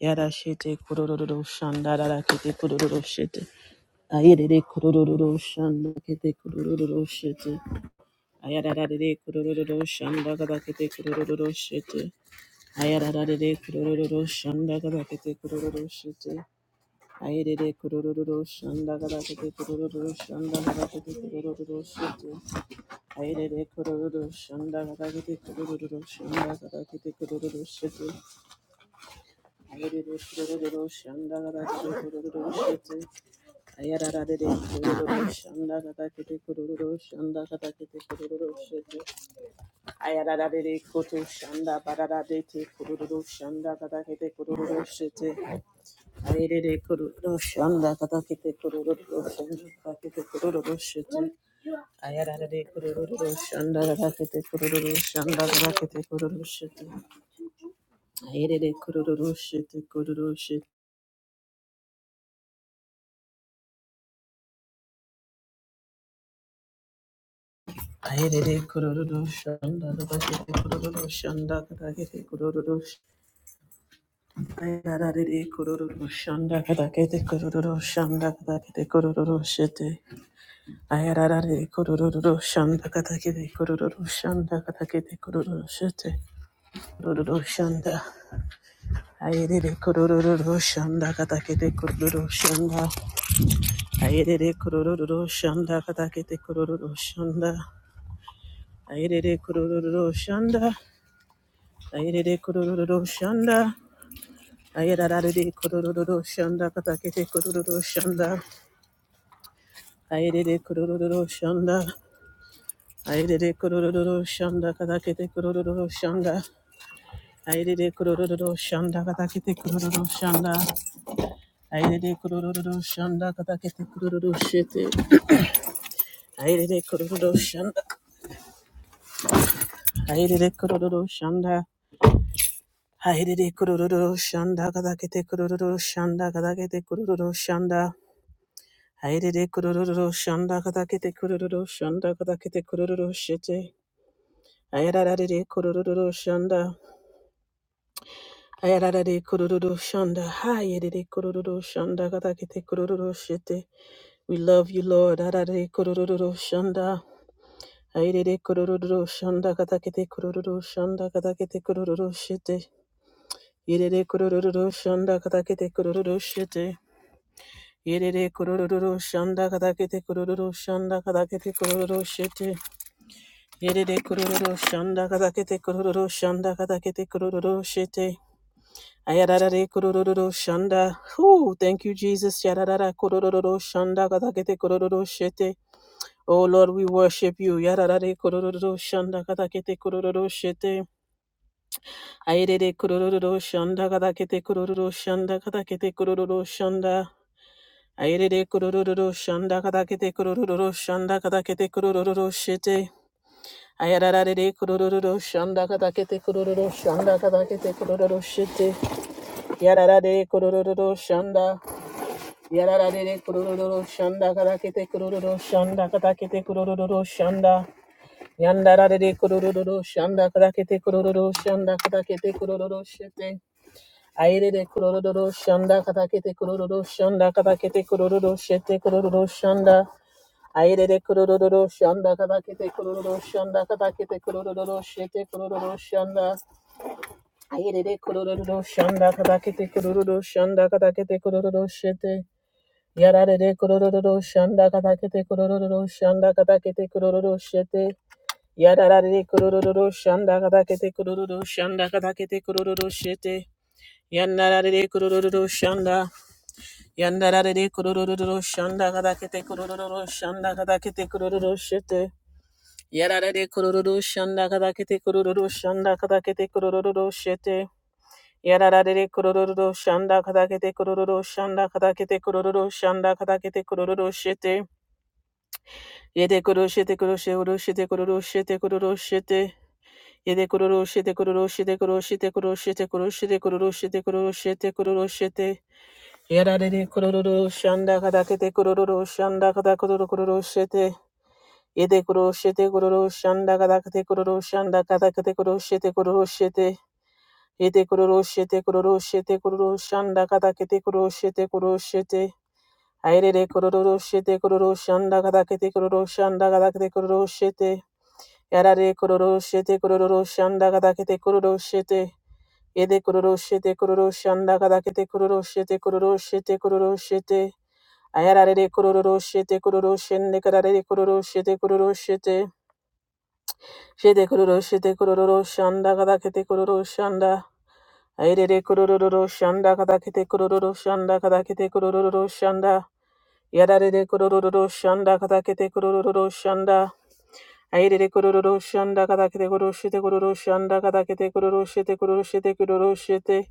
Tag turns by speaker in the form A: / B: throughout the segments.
A: Yada shete kurururu shanda dada kete kurururu shete. Ayedede kurururu shanda kete kurururu shete. Ayadadadede kurururu shanda gada kete kurururu shete. Ayadadadede kurururu shanda gada kete kurururu shete. Ayedede kurururu shanda gada kete kurururu shanda gada kete kurururu shete. Ayedede kurururu shanda gada kete kurururu shanda gada kete kurururu shete. Ayarara Ayerere kururu shete kururu shete Ayerere kururu shanda kadakete kururu shanda kadakete kururu ayararere kururu shanda kadakete kururu shanda kadakete kururu shete ayararere kururu shanda kadakete kururu shanda kadakete kururu shete kururu shanda ayerere kururu shanda kadakete kururu shanda ayerere kururu shanda kadakete kururu shanda ayerere kururu shanda Ayerere kororo shanda. Ayerarare kororo shanda. Katakete kororo shanda. Ayerere kororo shanda. Ayerere kororo shanda. Katakete kororo shanda. Ayerere kororo shanda. Katakete kororo shanda. Ayerere kororo shanda. Katakete kororo shete. Ayerere kororo shanda. Ayerere kororo shanda. Ayerere kororo shanda. Katakete kororo shanda. Katakete kororo shanda. Hayrede kurururu shanda kata kete kurururu shanda kata kete kurururu shete. Ayarararede kurururu shanda. Ayarararede kurururu shanda. Hayrede kurururu shanda kata kete kurururu shete. We love you, Lord. Arararede kurururu shanda. Hayrede kurururu shanda kata kete kurururu shanda kata kete kurururu shete. Yerede kurururu shanda kata kete kurururu shete. Yerede kurururu shanda kata kete kurururu shanda kata kete kurururu shete. Yerere kururu shanda kada kete kururu shanda kada kete kururu shete. Ayararare kururu shanda. Whew, thank you, Jesus. Yararara kururu shanda kada kete kururu shete. Oh Lord, we worship you. Yararare kururu shanda kada kete kururu shete. Ayerere kururu shanda kada kete kururu shanda kada kete kururu shanda. Ayerere kururu shanda kada kete kururu shanda kada kete kururu shete. Ayararare kurururu shanda katakete kurururu shanda katakete kurururu shite. Yararare kurururu shanda. Yararare kurururu shanda katakete kurururu shanda katakete kurururu shanda. Yandarare kurururu shanda katakete kurururu shanda katakete kurururu shite. Ayerere kurururu shanda katakete kurururu shanda katakete kurururu shite kurururu shanda. Airere kurururu shanda kadakete kurururu shanda kadakete kurururu shete kurururu shanda. Airere kurururu shanda kadakete kurururu shanda kadakete kurururu shete. Yararere kurururu shanda kadakete kurururu shanda kadakete kurururu shete. Yararere kurururu shanda kadakete kurururu shanda kadakete kurururu shete. Yandararere kurururu shanda. Yandararere kurururu shanda kadakete kurururu shanda kadakete kurururu shete. Yararare kurururu shanda kadakete kurururu shanda kadakete kurururu shete. Yararare kurururu shanda kadakete kurururu shanda kadakete kurururu shanda kadakete kurururu shete. Yede kuru shete kuru she uru shete kururu shete kururu shete. Yede kururu shete kururu shete kuru shete kuru shete kuru shete kururu shete kuru shete kururu shete. Yararare kurururu shanda kadakete kurururu shanda kadakururu kururu shete. Yede kuru şete kuru şanda kadakte kuru şanda kadakte kuru şete kuru şete. Yede kuru şete kuru şete kuru şanda kadakte kuru şete kuru şete. Ayrere kuru şete kuru şanda kadakte kuru şanda kadakte kuru şete. Yarare kuru şete kuru şanda kadakte kuru şete. Yede kuru şete kuru şanda kadakte kuru şete kuru şete Ayarare kuru şete kadare kuru şete Shete kororo shete kororo shanda kada kete kororo shanda. Airere kororo shanda kada kete kororo shanda kada kete kororo shanda. Yarare kororo shanda kada kete kororo shanda. Airere kororo shanda kada kete kororo shete kororo shanda kada kete kororo shete kororo shete kororo shete.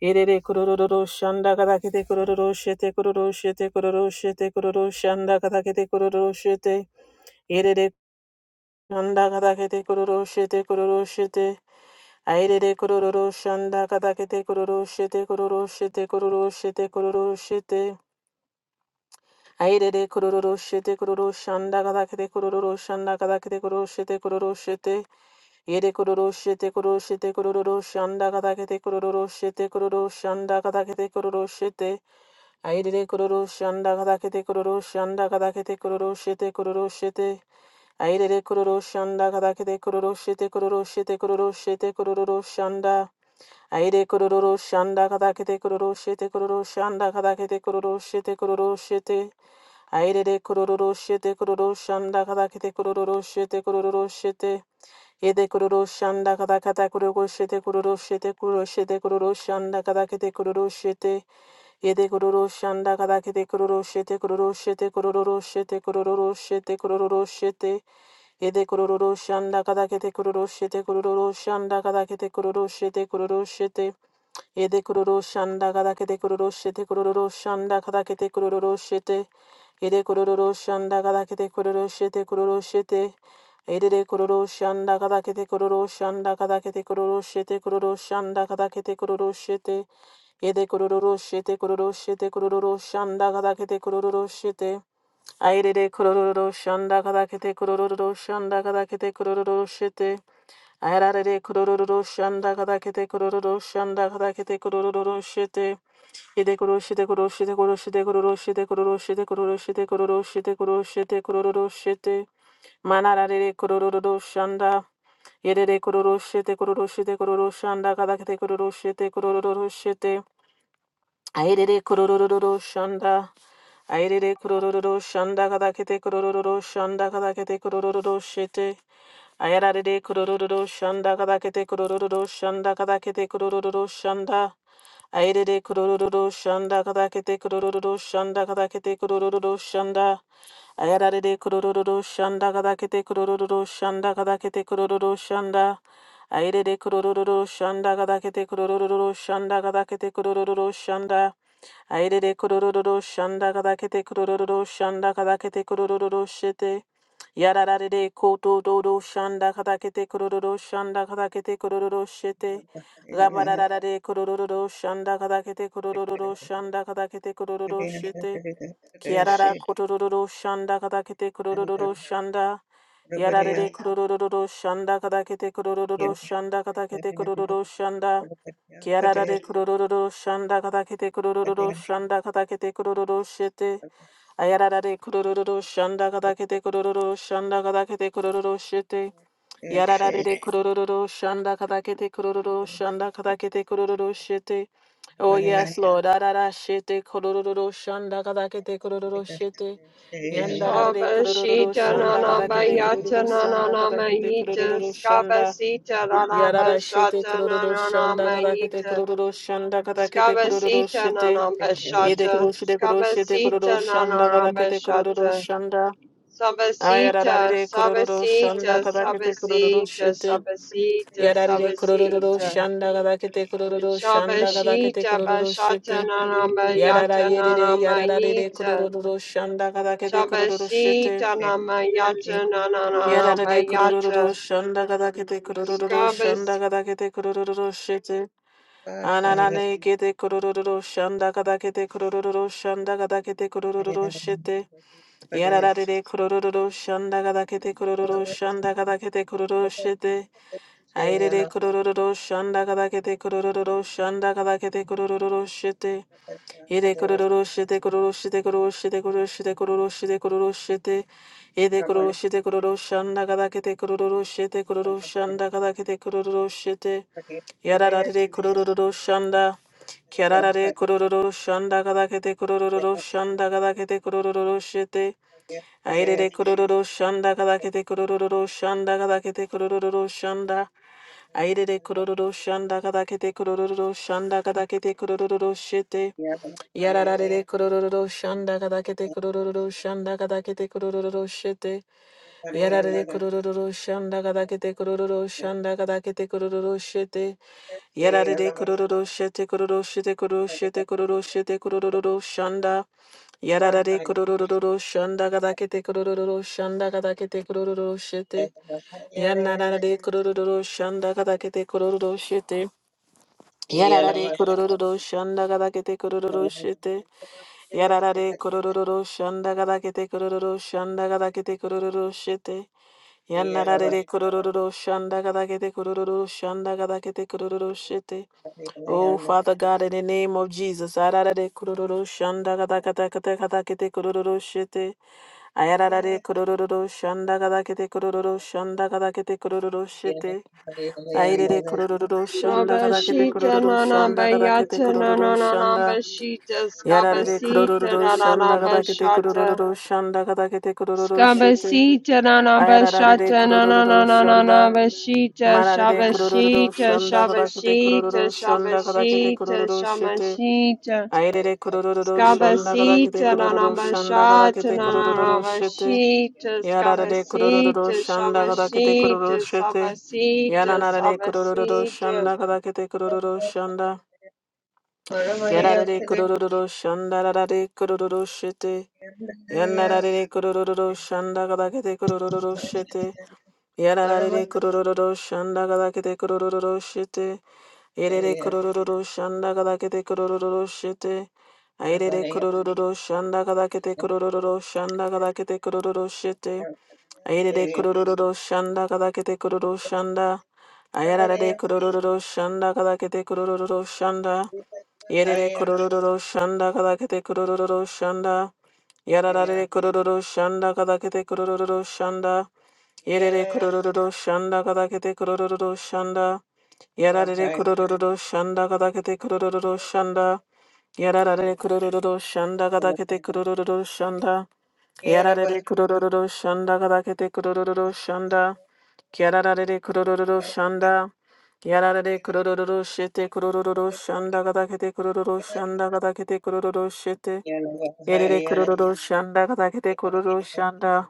A: Irere kororo shanda kada kete kororo shete kororo shete kororo shete kororo shanda kada kete kororo shete. Irere Shanda katakete kororo shete kororo shete. Airere kororo shanda katakete kororo shete kororo shete kororo shete kororo shete. Airere kororo shete kororo shanda katakete kororo shanda katakete kororo shete kororo shete. Yere kororo shete kororo shete kororo shanda katakete kororo shete kororo shanda katakete kororo shete. Airere kororo shanda katakete kororo shanda katakete kororo shete kororo shete. Aire kororo shanda kadakete kororo shete kororo shete kororo shete kororo shanda. Aire kororo shanda kadakete kororo shete kororo shanda kadakete kororo shete kororo shete. Aire kororo shete kororo shanda kadakete kororo shete kororo shete. Yede kururu shanda kada kata kururu shete kururu shete kururu shete kururu shanda kata kete kururu shete. Yede kururu shanda kata kete kururu shete kururu shete kururu shete kururu shete kururu shete. Yede kururu shanda kata kete kururu shete kururu shanda kata kete kururu shete kururu shete. Yede kururu shanda kada kete kururu shete kururu shanda kada kete kururu shete. Yede kururu shanda kada kete kururu shete kururu shete. Yede kururu shanda kada kete kururu shanda kada kete kururu shete kururu shanda kada kete kururu shete. Yede kururu shete kururu shete kururu shanda kada kete kururu shete. Aire kururu shanda kada kete kururu shanda kada kete kururu shete. Ararare kororo shanda kada kete kororo shanda kada kete kororo shete ide kororo shete kororo shete kororo shete kororo shete kororo shete kororo shete kororo shete kororo shete kororo shete manarare kororo shanda yedere kororo shete kororo shete kororo shanda kada kete kororo shete kororo shete Airere kororororo shanda. Airere kororororo shanda kadakete kororororo shanda kadakete kororororo shete. Ayararere kororororo shanda kadakete kororororo shanda kadakete kororororo shanda. Airere kororororo shanda kadakete kororororo shanda kadakete kororororo shanda. Ayararere kororororo shanda kadakete kororororo shanda kadakete kororororo shanda. Airere kororororo shanda kadakete kororororo shanda kadakete kororororo shanda. Airere kororo shanda kadakete kororo shanda kadakete kororo shete. Yarararere kotododo shanda kadakete kororo shanda kadakete kororo shete. Gabarararere kororo shanda kadakete kororo shanda kadakete kororo shete. Kiarara kororo shanda kadakete kororo shanda. Yarararere kororo shanda kadakete kororo shanda kadakete kororo shanda. Kiararare kurororo shanda katakete kurororo shanda katakete kurororo shete. Ayararare kurororo shanda katakete kurororo shanda katakete kurororo shete. Yararare kurororo shanda katakete kurororo shanda katakete kurororo shete. Oh yes, Lord. Arara shete kurororo shanda katakete kurororo shete. Yandarare kurororo
B: Shabashita
A: shanda
B: nanamba
A: katakete
B: yata
A: kurororo shanda
B: nananama
A: katakete
B: yita
A: kurororo shanda.
B: skabasita
A: Yarara
B: nanamba
A: shete
B: shata
A: kururu shanda
B: nananama
A: kada kete
B: yita
A: kururu shanda kada kete kururu
B: skabasita
A: shete
B: nanamba
A: yede
B: shata
A: kuru shete kuru shete kururu
B: skabasita
A: shanda kada
B: nananamba
A: kete kururu
B: shata
A: shanda ayarara
B: sabasita
A: re kururu shanda
B: sabasita
A: kada kete kururu
B: sabasita
A: shete
B: sabasita
A: yarara re kururu
B: sabasita
A: shanda kada kete kururu shanda kada kete
B: shabashita
A: kururu
B: bashata
A: shete
B: nanamba
A: yarara
B: yata
A: yede re
B: nanamba
A: yarara re
B: yita
A: kururu shanda kada kete kururu shete
B: Shabashita namayata
A: yarara re
B: nananamayata.
A: kururu shanda kada kete kururu
B: Skabas.
A: shanda kada kete kururu shete Ananane kete kurururu shanda kata kete kurururu shanda kata kete kurururu shete. Yararare kororo shanda gada kete kororo shanda gada kete kororo shete. Airere kororo shanda gada kete kororo shanda gada kete kororo shete. Ede kororo shete kororo shete kororo shete kororo shete kororo shete kororo shete. Ede kororo shete kororo shanda kada kete kororo shete kororo shanda kada kete kororo shete. Yararare kororo shanda. Kiararare kororo shanda kada kete kororo shanda kada kete kororo shete. Airere kororo shanda kadakete kororo shanda kadakete kororo shanda. Airere kororo shanda kadakete kororo shanda kadakete kororo shete. Yararare kororo shanda kadakete kororo shanda kadakete kororo shete. Yararare kororo shanda kadakete kororo shanda kadakete kororo shete. Yararare kororo shete kororo shete kororo shete kororo shete kororo shanda. Yararare kurururu shanda gadakete kurururu shanda gadakete kurururu shete. Yanarare kurururu shanda gadakete kurururu shete. Yararare kororo shanda gadakete kororo shete. Yararare kororo shanda gadakete kororo shanda gadakete kororo shete. Yanarare kororo shanda gadakete kororo shanda gadakete kororo shete. Oh, Father God, in the name of Jesus, yararare kororo shanda gadakata kata gadakete kororo shete. Ayararare kororo shanda gadakete kororo shanda gadakete kororo shete. Airere kurururu shanda kabakete
B: Shabashita
A: kurururu shanda kabakete
B: nananamayata
A: kurururu shanda.
B: nananamashita.
A: Yararere
B: Skabasita
A: kurururu shanda kabakete
B: nananamashata.
A: kurururu shanda kabakete kurururu shete.
B: Skabasita
A: Ayararere
B: nananamashata
A: kurururu shanda.
B: nananamashita.
A: Mararere kurururu
B: Shabashita,
A: shanda kabakete
B: shabashita,
A: kurururu shanda kabakete
B: shabashita,
A: kurururu shete.
B: shamashita.
A: Airere kurururu shanda kabakete
B: Skabasita
A: kurururu shanda
B: nanamashata
A: kabakete kurururu shete.
B: nanamashita
A: Yararere kurururu
B: skabasita
A: shanda kabakete
B: shabasita
A: kurururu shete.
B: sabasita
A: Yananare kurururu
B: sabasita.
A: shanda kadakete kurururu shanda. Yarare kurururu shanda rarare kurururu shete. Yanarare kurururu shanda kadakete kurururu shete. Yararare kurororo shanda galakete kurororo shete. Erere kurororo shanda galakete kurororo shete. Airere kurororo shanda galakete kurororo shanda galakete kurororo shete. Airere kurororo shanda galakete kurororo shanda. Ayararare kurororo shanda galakete kurororo shanda. Yerere kurororo shanda galakete kurororo shanda. Yararare kurororo shanda galakete kurororo shanda. Yerere kurururu şanda kadakete kurururu şanda. Yararere kurururu şanda kadakete kurururu şanda. Yararere kurururu şanda kadakete kurururu şanda. Yararere kurururu şanda kadakete kurururu şanda. Yararere kurururu şanda. Yararere kurururu şete kurururu şanda kadakete kurururu şanda kadakete kurururu şete. Yerere kurururu şanda kadakete kurururu şanda.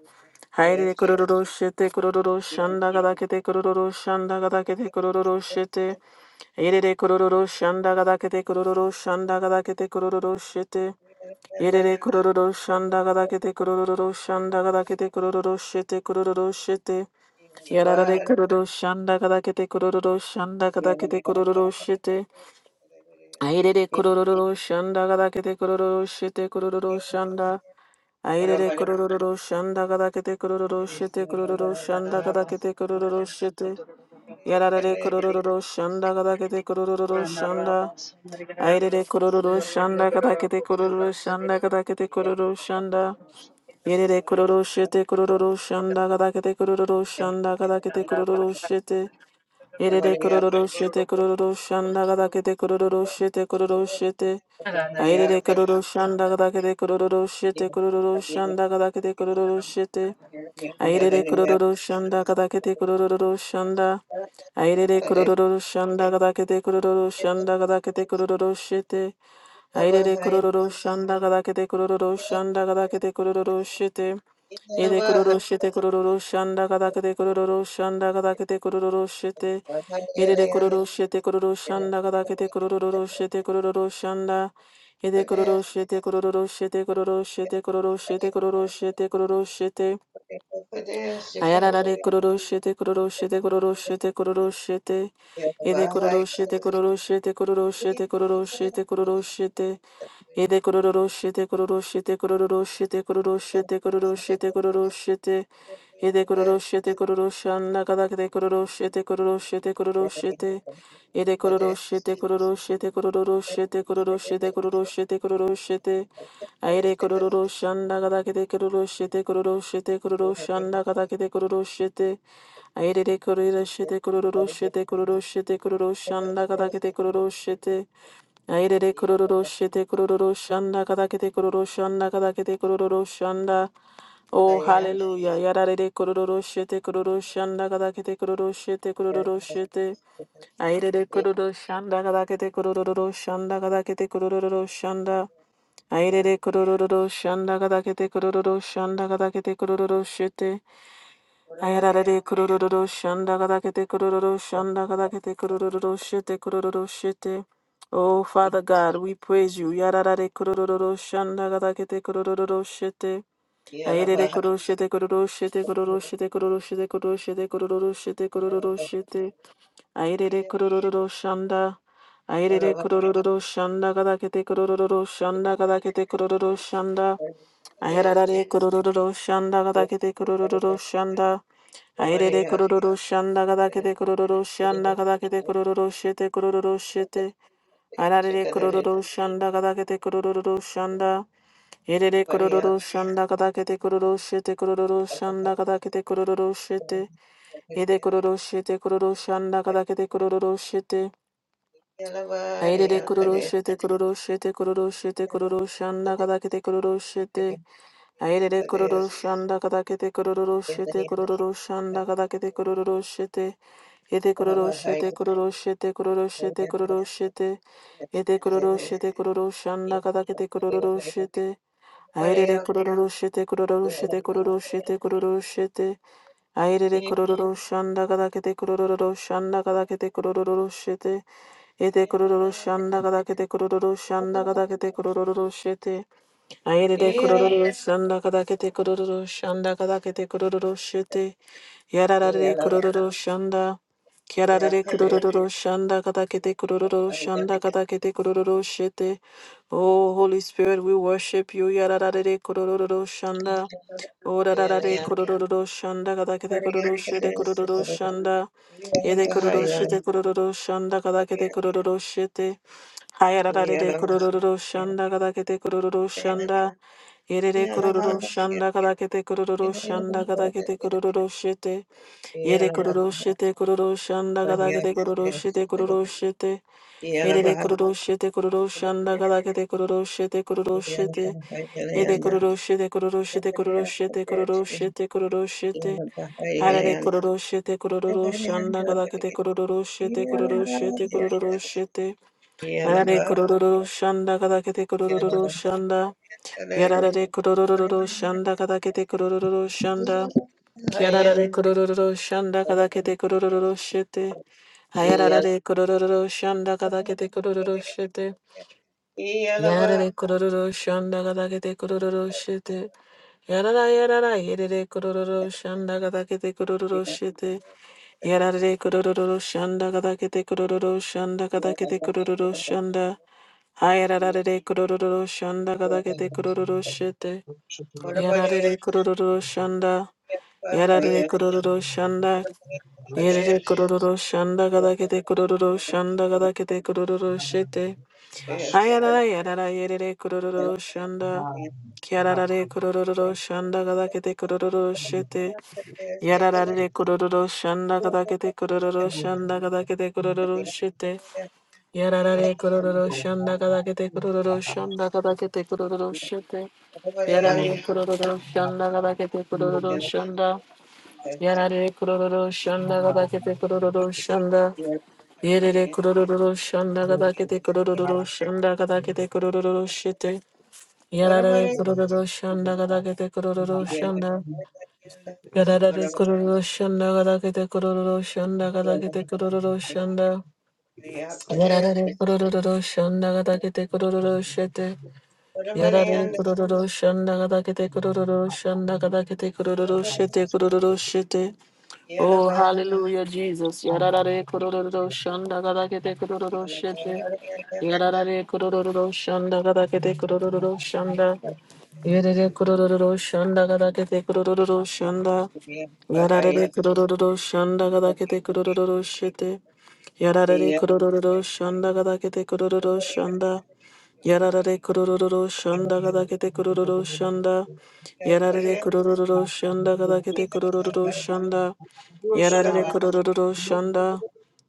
A: Haire kururu shete kururu shanda gada kete kururu shanda gada kete kururu shete. Irere kururu shanda gada kete kururu shanda gada kete kururu shete. Irere kururu shanda gada kete kururu shanda gada kete kururu shete kururu shete. Yarare kururu shanda gada kete kururu shanda gada kete kururu shete. Airere kururu shanda gada kete kururu shete kururu shanda. Airere kororo shanda kada kete kororo shete kororo shanda kada kete kororo shete. Yarare kororo shanda kada kete kororo shanda. Airere kororo shanda kada kete kororo shanda kada kete kororo shanda. Yerere kororo shete kororo shanda kada kete kororo shanda kada kete kororo shete. Erere kororo shete kororo shanda gada kete kororo shete kororo shete. Airere kororo shanda gada kete kororo shete kororo shanda gada kete kororo shete. Airere kororo shanda kadakete kororo shanda. Airere kororo shanda kadakete kororo shanda kadakete kororo shete. Airere kororo shanda kadakete kororo shanda kadakete kororo shete. Ede kororo shete kororo shanda kadakete kororo shanda kadakete kororo shete. Ede kororo shete kororo shanda kadakete kororo shete kororo shanda. Ede kororo shete kororo shete kororo shete kororo shete kororo shete kororo shete. Ayararare kororoshete kororoshete kororoshete kororoshete. Ede kororoshete kororoshete kororoshete kororoshete kororoshete. Ede kororoshete kororoshete kororoshete kororoshete kororoshete kororoshete. Ede kororoshete kororoshanda kadakde kororoshete kororoshete kororoshete. Ede kororoshete kororoshete kororoshete kororoshete kororoshete kororoshete. Aire kororo shanda kada kete kororo shete kororo shete kororo shanda kada kete kororo shete aire de kororo shete kororo shete kororo shete kororo shanda kada kete kororo shete aire de kororo shete kororo shanda kada kete kororo shanda kada kete kororo shanda oh hallelujah yada de kororo shete kororo shanda kada kete kororo shete kororo shete aire de kororo shanda kada kete kororo shanda kada kete kororo shanda Airere kurururu shanda gada kete kurururu shanda gada kete kurururu shete. Airarare kurururu shanda gada kete kurururu shanda gada kete kurururu shete kurururu shete. Oh Father God, we praise you. Yararare kurururu shanda gada kete kurururu shete. Airere kuru shete kururu shete kururu shete kururu shete kururu shete kururu shete kururu shete. Airere kurururu shanda. Airere kurururu shanda gadakete kurururu shanda gadakete kurururu shanda. Airarare kurururu shanda gadakete kurururu shanda. Airere kurururu shanda gadakete kurururu shanda gadakete kurururu shete kurururu shete. Airarare kurururu shanda gadakete kurururu shanda. Airere kurururu shanda gadakete kurururu shete kurururu shanda gadakete kurururu shete. Ede kururu shete kururu shanda kadakete kururu shete. Aire kururushete kururushete kururushete kururushanda kadakete kururushete. Aire kururushanda kadakete kururushete kururushanda kadakete kururushete. Ete kururushete kururushete kururushete kururushete. Ete kururushete kururushanda kadakete kururushete. Aire kururushete kururushete kururushete kururushete. Aire kururushanda kadakete kururushanda kadakete kururushete. Ete kururu shanda kada kete kururu shanda kada kete kururu shete. Ayerere kururu shanda kada kete kururu shanda kada kete kururu shete. Yararare kururu shanda. Kyararare kururu shanda kada kete kururu shanda kada kete kururu shete. Oh Holy Spirit, we worship you. Yararare kururu shanda. Oh rararare kururu shanda kada kete kururu shete kururu shanda. Yede kururu shete kururu shanda kada kete kururu shete. Hayararare kororo shanda kadakete kororo shanda. Yerere kororo shanda kadakete kororo shanda kadakete kororo shete. Yere kororo shete kororo shanda kadakete kororo shete kororo shete. Yerere kororo shete kororo shanda kadakete kororo shete kororo shete. Yere kororo shete kororo shete kororo shete kororo shete kororo shete. Harare kororo shete kororo shanda kadakete kororo shete kororo shete kororo shete. Arare kurururu shanda kadakete kurururu shanda. Yarare kurururu shanda kadakete kurururu shanda. Kiarare kurururu shanda kadakete kurururu shete. Ayarare kurururu shanda kadakete kurururu shete. Yarare kororo shanda gadagete kororo shete. Yarara yarara yerere kororo shanda gadagete kororo shete. Yarare kororo shanda gadagete kororo shanda gadagete kororo shanda. Ayarare kororo shanda gadagete kororo shete.
C: Yes,
A: Yarare kororo shanda. Yarare kororo shanda. Yerere kororo shanda gadagete kororo shanda gadagete kororo shete. Hayarara yarara yerere kurororo shanda. Kiararare kurororo shanda gadakete kurororo shete. Yararare kurororo shanda gadakete kurororo shanda gadakete kurororo shete. Yararare kurororo shanda gadakete kurororo shanda gadakete kurororo shete. Yarare kurororo shanda gadakete kurororo shanda. Yarare kurororo shanda gadakete kurororo shanda. Yerere kurororo shanda gadakete kurororo shanda gadakete kurororo shete. Yarare kururu shanda gada kete kururu shanda. Yarare kururu shanda gada kete kururu shanda gada kete kururu shanda. Yarare kururu shanda gada kete kururu shete. Yarare kururu shanda gada kete kururu shanda gada kete kururu shete kururu shete. Oh, hallelujah, Jesus. Yarare kururu shanda gada kete kururu shete. Yarare kururu shanda gada kete kururu shanda. Yerere kurururu şanda gada kete kurururu şanda. Yararere kurururu şanda gada kete kurururu şete. Yararere kurururu şanda gada kete kurururu şanda. Yarare kurururu shanda gadakete kurururu shanda. Yarare kurururu shanda gadakete kurururu shanda. Yarare kurururu shanda.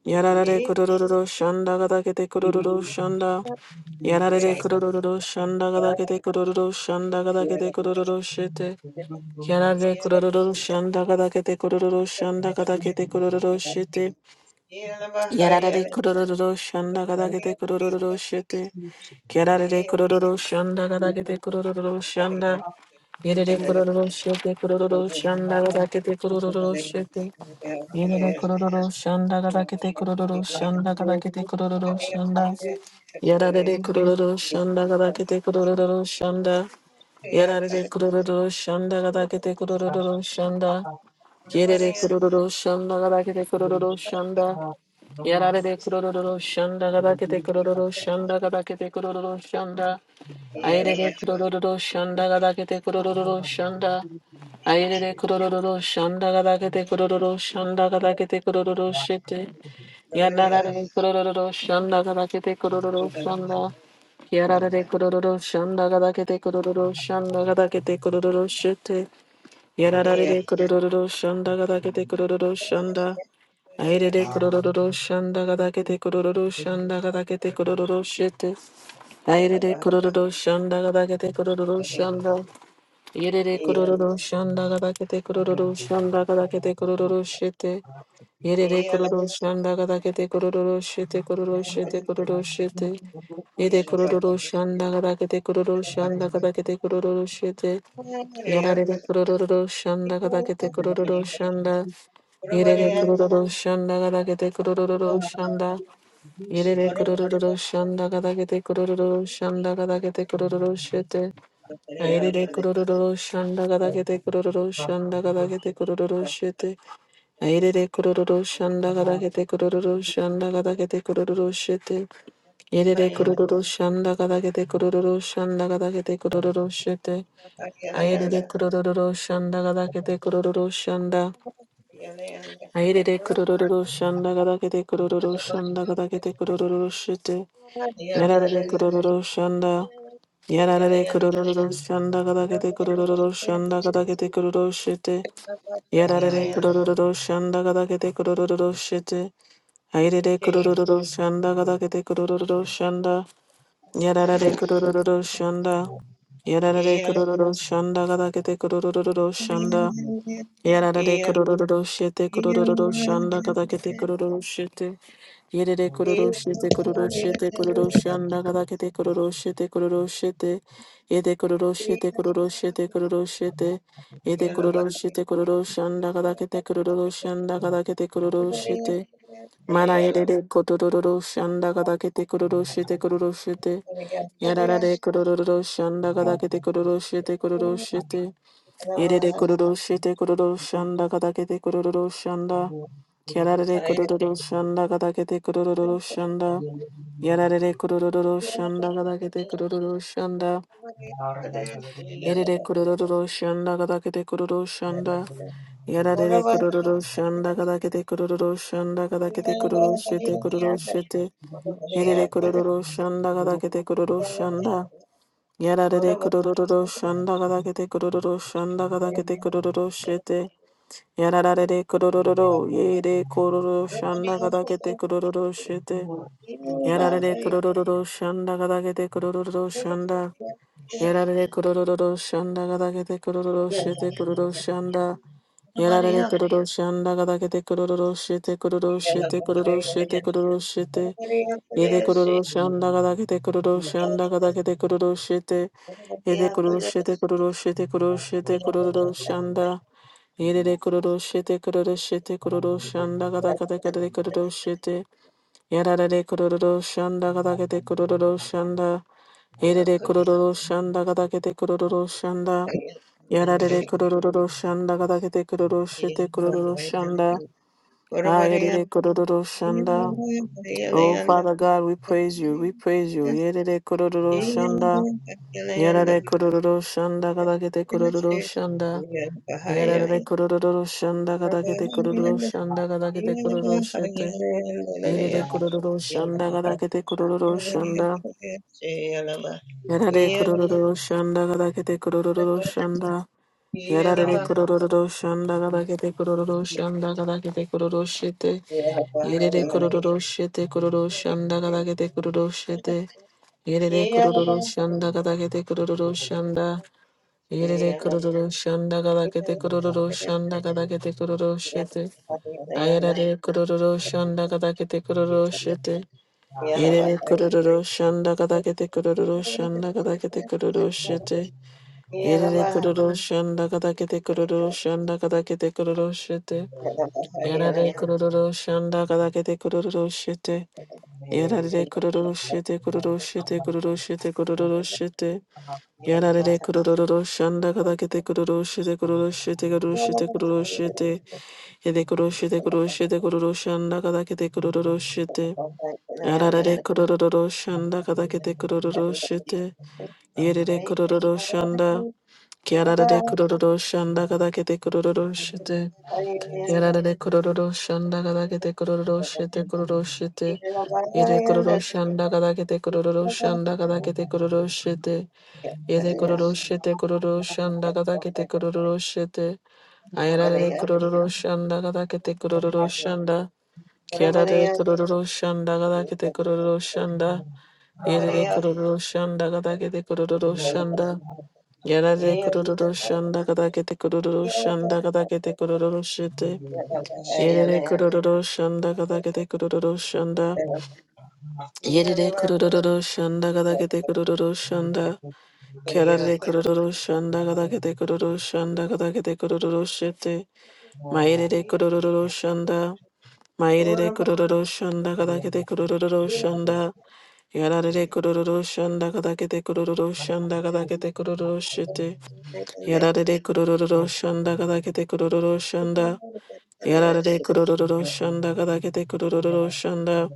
A: Yarare kurururu shanda gadakete kurururu shanda. Yarare kurururu shanda gadakete kurururu shanda gadakete kurururu shete. Yarare kurururu shanda gadakete kurururu shanda gadakete kurururu shete. Yarare kurororo shanda gadagete kurororo shete. Kerare kurororo shanda gadagete kurororo shanda. Yerere kurororo shete kurororo shanda gadagete kurororo shete. Yerere kurororo shanda gadagete kurororo shanda gadagete kurororo shanda. Yarare kurororo shanda gadagete kurororo shanda. Yarare kurororo shanda gadagete kurororo shanda. Yerere kurororo shanda gadagete kurororo shanda. Yarare de kurororo shanda gada kete kurororo shanda gada kete kurororo shanda. Aire de kurororo shanda gada kete kurororo shanda. Aire de kurororo shanda gada kete kurororo shanda gada kete kurororo shete. Yarare de kurororo shanda gada kete kurororo shanda. Yarare de kurororo shanda gada kete kurororo shanda gada kete kurororo shete. Yarare de kurororo shanda gada kete kurororo shanda. Aire de kororo shanda gada kete kororo shanda gada kete kororo shete. Aire de kororo shanda gada kete kororo shanda. Yere de kororo shanda gada kete kororo shanda gada kete kororo shete. Yere de kororo shanda gada kete kororo shete kororo shete kororo shete. Yere kororo shanda gada kete kororo shanda gada kete kororo shete. Yarare de kororo shanda gada kete kororo shanda. Yerere kurororo shanda gada gete kurororo shanda. Yerere kurororo shanda gada gete kurororo shanda gada gete kurororo shete. Ayerere kurororo shanda gada gete kurororo shanda gada gete kurororo shete. Ayerere kurororo shanda gada gete kurororo shanda gada gete kurororo shete. Yerere kurororo shanda gada gete kurororo shanda gada gete kurororo shete. Ayerere kurororo shanda gada gete kurororo shanda. Airere kurururu shanda gada kete kurururu shanda gada kete kurururu shite. Yarare kurururu shanda. Yarare kurururu shanda gada kete kurururu shanda gada kete kurururu shite.
C: Allahu
A: Yarare kurururu shanda gada kete kurururu shite. Airere kurururu shanda gada kete kurururu shanda. Yarare kurururu shanda. Yarare kurururu shanda gada kete kurururu shanda. Yarada de kororo shete kororo shanda kada kete kororo shete. Yere de kororo shete kororo shete kororo shanda kada kete kororo shete kororo shete. Yede kororo shete kororo shete kororo shete. Yede kororo shete kororo shanda kada kete kororo shanda kada kete kororo shete. Mana yere de kororo shanda kada kete kororo shete kororo shete. Yarada de kororo shanda kada kete kororo shete kororo shete. Yerere kororo shete kororo shanda katakete kororo shanda. Kerarere kororo shanda katakete kororo shanda. Yararere kororo shanda katakete kororo shanda. Yerere kororo shanda katakete kororo shanda. Yararere kororo shanda katakete kororo shanda katakete kororo shete kororo shete. Yerere kororo shanda katakete kororo shanda. Yararere kororo shanda katakete kororo shanda katakete kororo shete. Yararare kororo, ye de kororo, shanda gadakete kororo shete. Yararare kororo, shanda gadakete kororo shanda. Yararare kororo, shanda gadakete kororo shete kororo shanda. Yararare kororo, shanda gadakete kororo shete kororo shete kororo shete kororo shete. ye de kororo, shanda gadakete kororo shanda gadakete kororo shete. Yede kurushite kurushite kurushite kururushanda. Yede kurushite kurushite kururushanda kata kata kata kurushite. Yada kururushanda kata kata kururushanda. Yede kururushanda kata kata kururushanda. Yada kururushanda kata kata kururushite kururushanda. Ah, yede kururushanda. Oh, Father God, we praise you. We praise you. Yede kururushanda. Yarare kororo shanda kadakete kororo shanda. Yarare kororo shanda kadakete kororo shanda kadakete kororo shete. Yarare kororo shanda kadakete kororo shanda. Yarare kororo shanda kadakete kororo shanda. Yarare kororo shanda kadakete kororo shanda kadakete kororo shete. Yarare kororo shete kororo shanda kadakete kororo shete. Yarare kororo shanda kadakete kororo shanda. Yerere kururu shanda gadakete kururu shanda gadakete kururu shete. Ayarare kururu shanda gadakete kururu shete.
C: Akbar.
A: Yerere kururu shanda gadakete kururu shanda gadakete kururu shete. Yerere kururu shanda gadakete kururu shanda gadakete kururu shete. Yarare kururu shanda gadakete kururu shete. Yarare kururu shete kururu shete kururu shete kururu shete. Yarare kururu shanda kada kete kururu shite kururu shite kururu shite kururu shite yede kururu shite kururu shite kururu shanda kada kete kururu shite yarare kururu shanda kada kete kururu shite yerere kururu shanda yarare kururu shanda kada kete kururu shite yarare kururu shanda kada kete kururu shite kururu shite yede kururu shanda kada kete kururu shanda kada kete kururu shite Yede kororo shete kororo shanda gada kete kororo shete. Ayara de kororo shanda gada kete kororo shanda. Kiara de kororo shanda gada kete kororo shanda. Yede de kororo shanda gada kete kororo
C: Thank
A: shanda. Yara de kororo shanda gada kete kororo shanda gada kete kororo shete. Yede de kororo shanda gada kete kororo shanda. Yede de kororo shanda gada kete kororo shanda. Kerare kororo shanda gada kete kororo shanda gada kete kororo shete. Maerere kororo shanda. Maerere kororo shanda gada kete kororo shanda. Yarare kororo shanda gada kete kororo shanda gada kete kororo shete. Yarare kororo shanda gada kete kororo shanda. Yarare kororo shanda gada kete kororo shanda.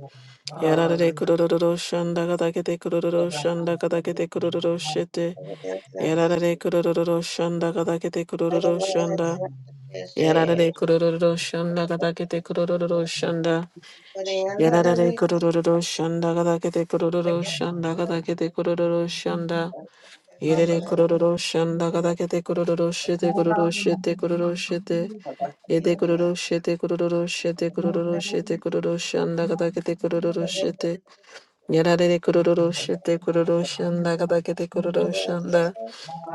A: Yarare kororo shanda gada kete kororo shanda gada kete kororo shete.
C: you.
A: Yarare kurururu shanda kadakete kurururu shanda.
C: Thank
A: Yarare kurururu shanda kadakete kurururu shanda. Yarare kurururu shanda kadakete kurururu shanda kadakete kurururu shanda. Yarare kurururu shanda kadakete kurururu shete kururu shete kururu shete. Yete kururu shete kururu shete kururu shete kururu shanda kadakete kurururu shete. Yarare kurururu shete kururu shanda kadakete kururu shanda.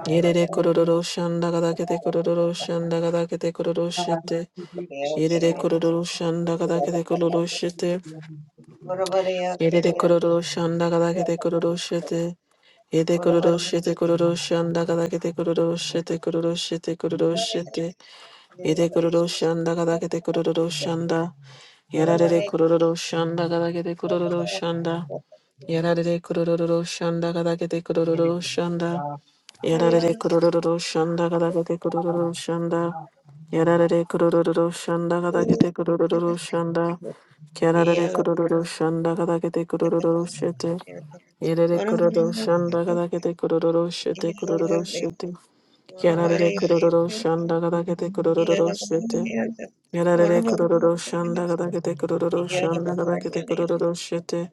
A: Yerere kororo shanda gada kete kororo shanda gada kete kororo shete. Yerere kororo shanda gada kete kororo shete. Yerere kororo shanda gada kete kororo shete. Yede kororo shete kororo shanda gada kete kororo shete kororo shete kororo shete. Yede kororo shanda gada kete kororo shanda. Yarare kororo shanda gada kete kororo shanda. Yarare kororo shanda gada kete kororo shanda. Yarare kururu shanda kada kete kururu shanda. Yarare kururu shanda kada kete kururu shanda. Yarare kururu shanda kada kete kururu shete. Yarare kururu shanda kada kete kururu shete kururu shete. Yarare kururu shanda kada kete kururu shete. Yarare kururu shanda kada kete kururu shanda kada kete kururu shete.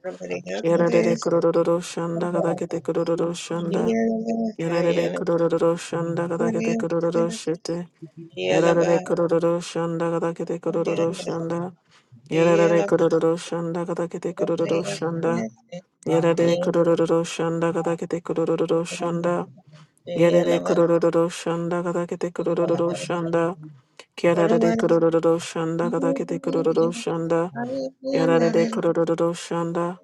A: Yarare kururu shanda kada kete kururu shanda. Yarare kororo shanda kada kete kororo shete. Yarare kororo shanda kada kete kororo shanda. Yarare kororo shanda kada kete kororo shanda. Yarare kororo shanda
C: you.
A: kada kete kororo
C: Thank
A: shanda. Yarare kororo shanda kada kete kororo shanda. Yarare kororo shanda kada kete kororo shanda.
C: you.
A: Yarare kororo shanda.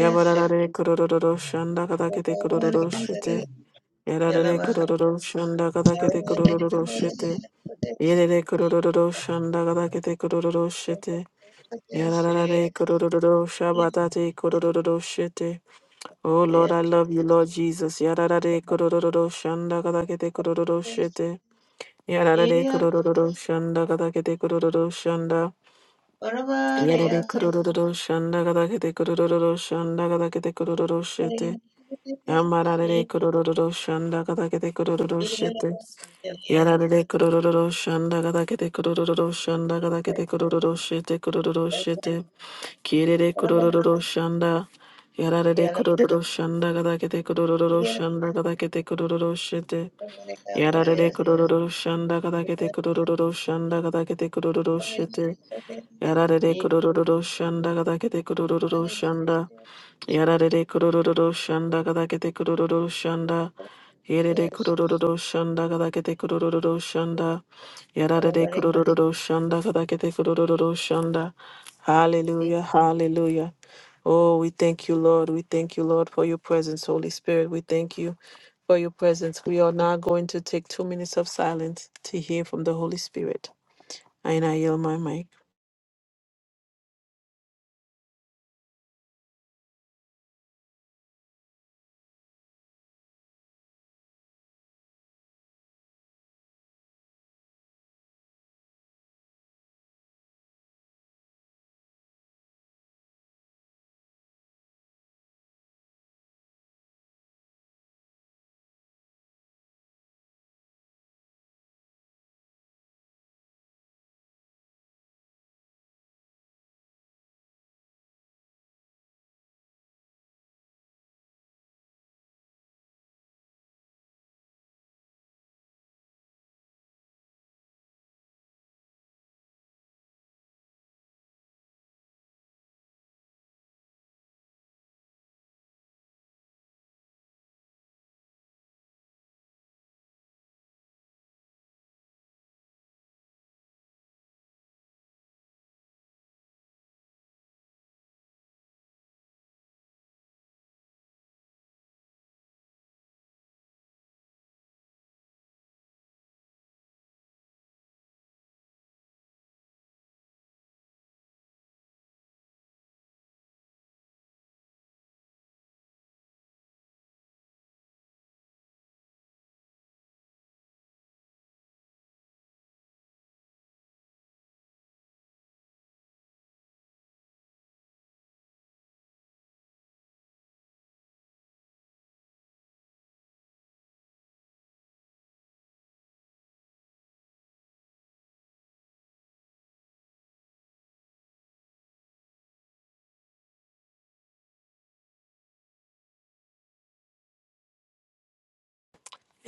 A: Yabarare kororo shanda kada kete kororo shete. Yarare kororo shanda gada kete kororo shete. Yerere kororo shanda gada kete kororo shete. Yarare kororo shabatate kororo shete. Oh Lord, I love you, Lord Jesus. Yarare kororo shanda gada kete kororo shete. Yarare kororo shanda gada kete kororo shanda. Yarare kororo shanda gada kete kororo shanda gada kete kororo shete. Yamarare kororo shanda gada kete kororo shete. Yarare kururu shanda gada kete kururu shanda gada kete kururu shete kururu shete kirere kururu shanda yarare kururu shanda gada kete kururu shanda gada kete kururu shete yarare kururu shanda gada kete kururu shanda gada kete kururu shete Yarare kurururu shanda gada kete kurururu shanda. Yarare kurururu shanda gada kete kurururu shanda. Yerere kurururu shanda gada kete kurururu shanda. Yarare kurururu shanda gada kete kurururu shanda. Hallelujah, hallelujah. Oh, we thank you, Lord. We thank you, Lord, for your presence, Holy Spirit. We thank you for your presence. We are now going to take two minutes of silence to hear from the Holy Spirit. And I yield my mic.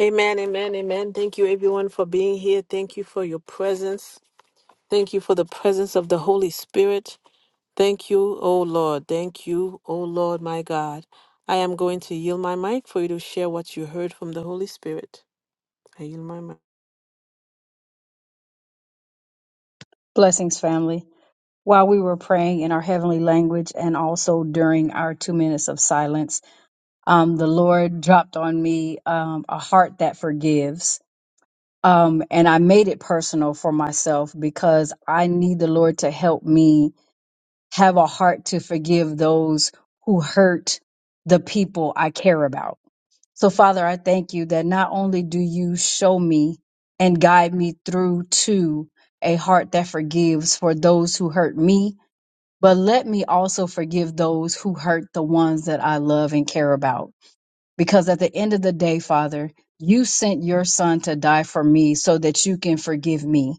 A: Amen, amen, amen. Thank you, everyone, for being here. Thank you for your presence. Thank you for the presence of the Holy Spirit. Thank you, O Lord. Thank you, O Lord, my God. I am going to yield my mic for you to share what you heard from the Holy Spirit. I yield my mic.
D: Blessings, family. While we were praying in our heavenly language and also during our two minutes of silence, um, the Lord dropped on me um, a heart that forgives. Um, and I made it personal for myself because I need the Lord to help me have a heart to forgive those who hurt the people I care about. So, Father, I thank you that not only do you show me and guide me through to a heart that forgives for those who hurt me but let me also forgive those who hurt the ones that I love and care about. Because at the end of the day, Father, you sent your son to die for me so that you can forgive me.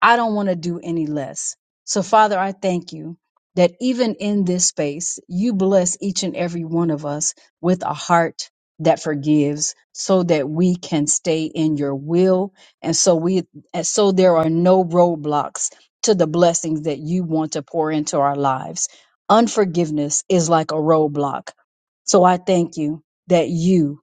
D: I don't want to do any less. So, Father, I thank you that even in this space, you bless each and every one of us with a heart that forgives so that we can stay in your will and so we and so there are no roadblocks to the blessings that you want to pour into our lives. Unforgiveness is like a roadblock. So I thank you that you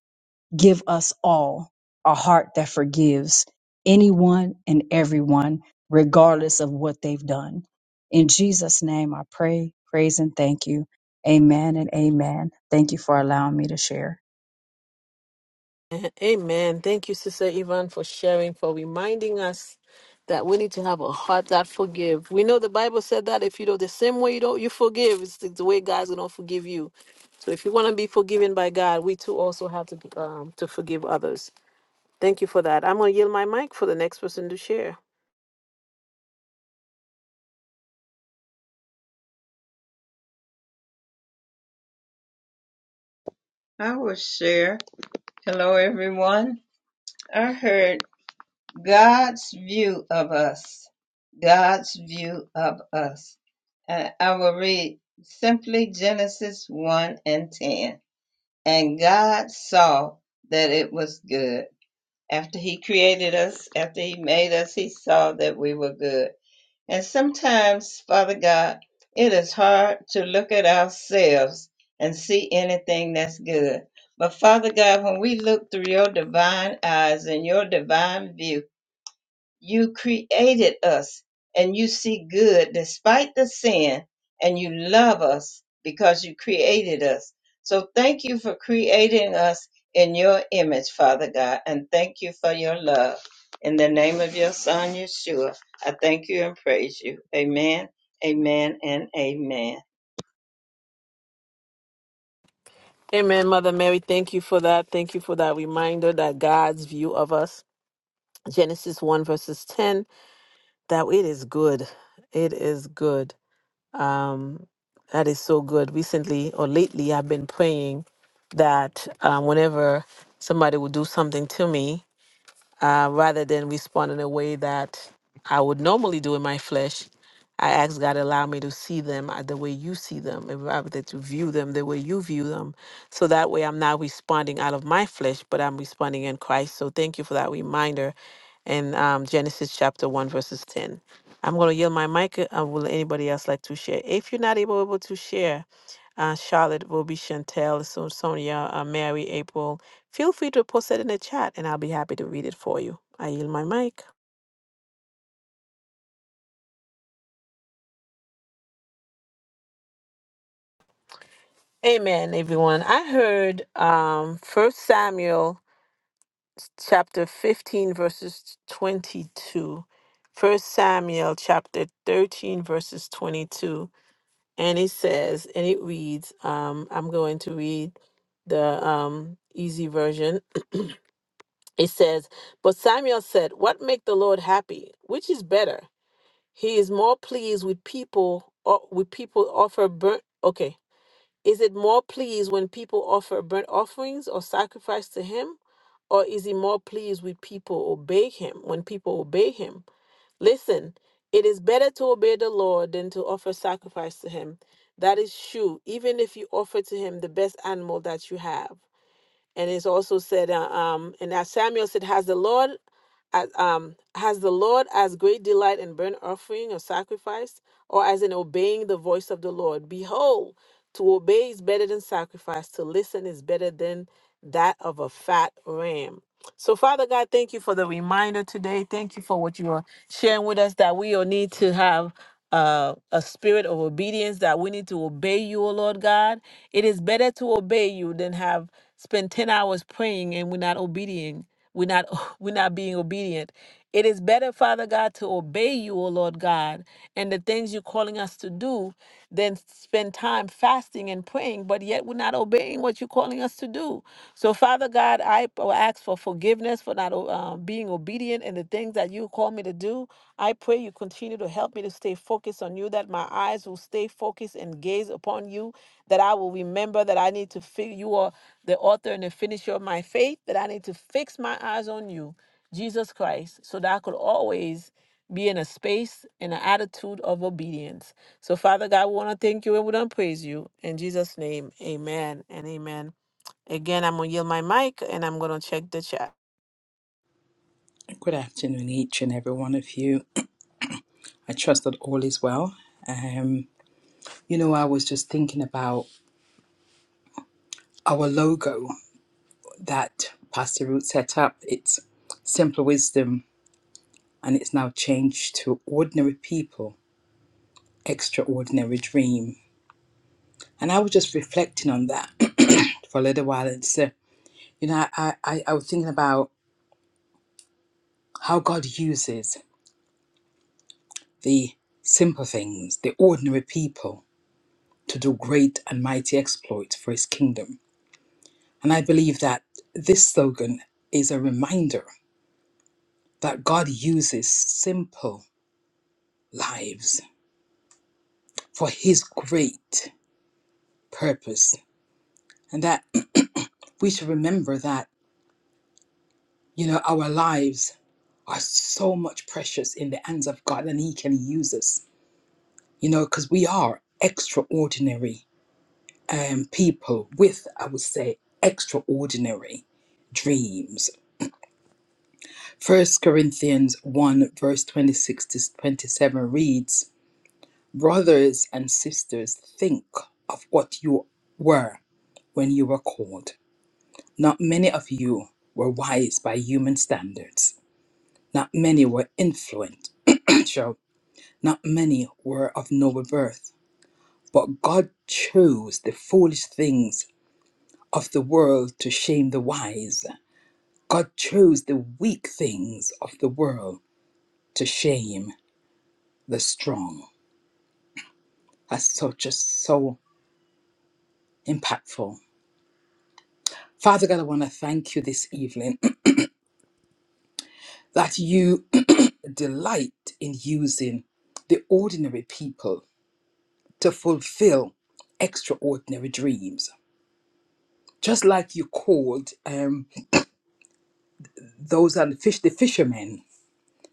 D: give us all a heart that forgives anyone and everyone, regardless of what they've done. In Jesus' name, I pray, praise, and thank you. Amen and amen. Thank you for allowing me to share.
A: Amen. Thank you, Sister Yvonne, for sharing, for reminding us that we need to have a heart that forgive. We know the Bible said that if you know the same way you don't you forgive, it's the, the way God's gonna forgive you. So if you want to be forgiven by God, we too also have to be, um, to forgive others. Thank you for that. I'm gonna yield my mic for the next person to share. Amen, Mother Mary. Thank you for that. Thank you for that reminder that God's view of us, Genesis 1, verses 10, that it is good. It is good. Um, that is so good. Recently or lately, I've been praying that um, whenever somebody will do something to me, uh, rather than respond in a way that I would normally do in my flesh. I ask God allow me to see them uh, the way you see them, and rather than to view them the way you view them. So that way, I'm not responding out of my flesh, but I'm responding in Christ. So thank you for that reminder, in um, Genesis chapter one verses ten. I'm going to yield my mic. Uh, will anybody else like to share? If you're not able, able to share, uh, Charlotte will be Chantel, so Sonia, uh, Mary, April. Feel free to post it in the chat and I'll be happy to read it for you. I yield my mic. Amen, everyone. I heard um First Samuel chapter 15 verses 22. First Samuel chapter 13 verses 22. And it says, and it reads, um, I'm going to read the um easy version. It says, But Samuel said, What make the Lord happy? Which is better? He is more pleased with people or with people offer burnt okay. Is it more pleased when people offer burnt offerings or sacrifice to him? Or is he more pleased with people obey him when people obey him? Listen, it is better to obey the Lord than to offer sacrifice to him. That is true, even if you offer to him the best animal that you have and it's also said uh, um and as samuel said has the lord as um has the lord as great delight in burnt offering or sacrifice or as in obeying the voice of the lord behold to obey is better than sacrifice to listen is better than that of a fat ram so father god thank you for the reminder today thank you for what you are sharing with us that we all need to have uh, a spirit of obedience that we need to obey you, O Lord God. It is better to obey you than have spend 10 hours praying and we're not obedient we're not we're not being obedient it is better father god to obey you o lord god and the things you're calling us to do than spend time fasting and praying but yet we're not obeying what you're calling us to do so father god i p- ask for forgiveness for not o- uh, being obedient in the things that you call me to do i pray you continue to help me to stay focused on you that my eyes will stay focused and gaze upon you that i will remember that i need to figure you out the author and the finisher of my faith, that I need to fix my eyes on you, Jesus Christ, so that I could always be in a space and an attitude of obedience. So, Father God, we want to thank you and we want to praise you. In Jesus' name, amen and amen. Again, I'm going to yield my mic and I'm going to check the chat.
E: Good afternoon, each and every one of you. I trust that all is well. Um, you know, I was just thinking about our logo that Pastor Root set up. It's Simple Wisdom, and it's now changed to Ordinary People, Extraordinary Dream. And I was just reflecting on that for a little while. It's, uh, you know, I, I, I was thinking about how God uses the simple things, the ordinary people, to do great and mighty exploits for his kingdom. And I believe that this slogan is a reminder that God uses simple lives for his great purpose. And that we should remember that, you know, our lives are so much precious in the hands of God and he can use us, you know, because we are extraordinary um, people with, I would say, extraordinary dreams. First Corinthians 1, verse 26 to 27 reads, Brothers and sisters, think of what you were when you were called. Not many of you were wise by human standards. Not many were influential. Not many were of noble birth. But God chose the foolish things of the world to shame the wise. God chose the weak things of the world to shame the strong. That's so just so impactful. Father God, I want to thank you this evening that you delight in using the ordinary people to fulfill extraordinary dreams. Just like you called um, those on the fish, the fishermen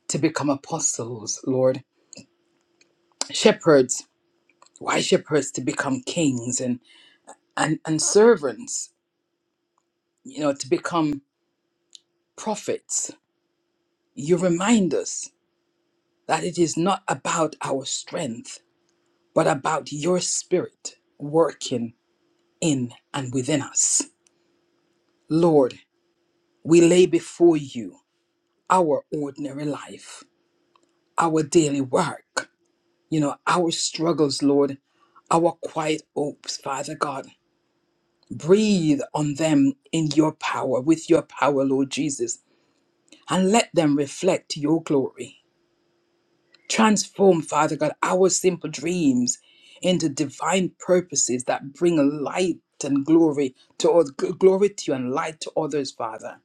E: to become apostles, Lord, shepherds, wise shepherds to become kings, and and and servants, you know, to become prophets. You remind us that it is not about our strength, but about your spirit working in and within us. Lord, we lay before you our ordinary life, our daily work, you know, our struggles, Lord, our quiet hopes, Father God. Breathe on them in your power, with your power, Lord Jesus, and let them reflect your glory. Transform, Father God, our simple dreams into divine purposes that bring light and glory to oth- glory to you and light to others, Father.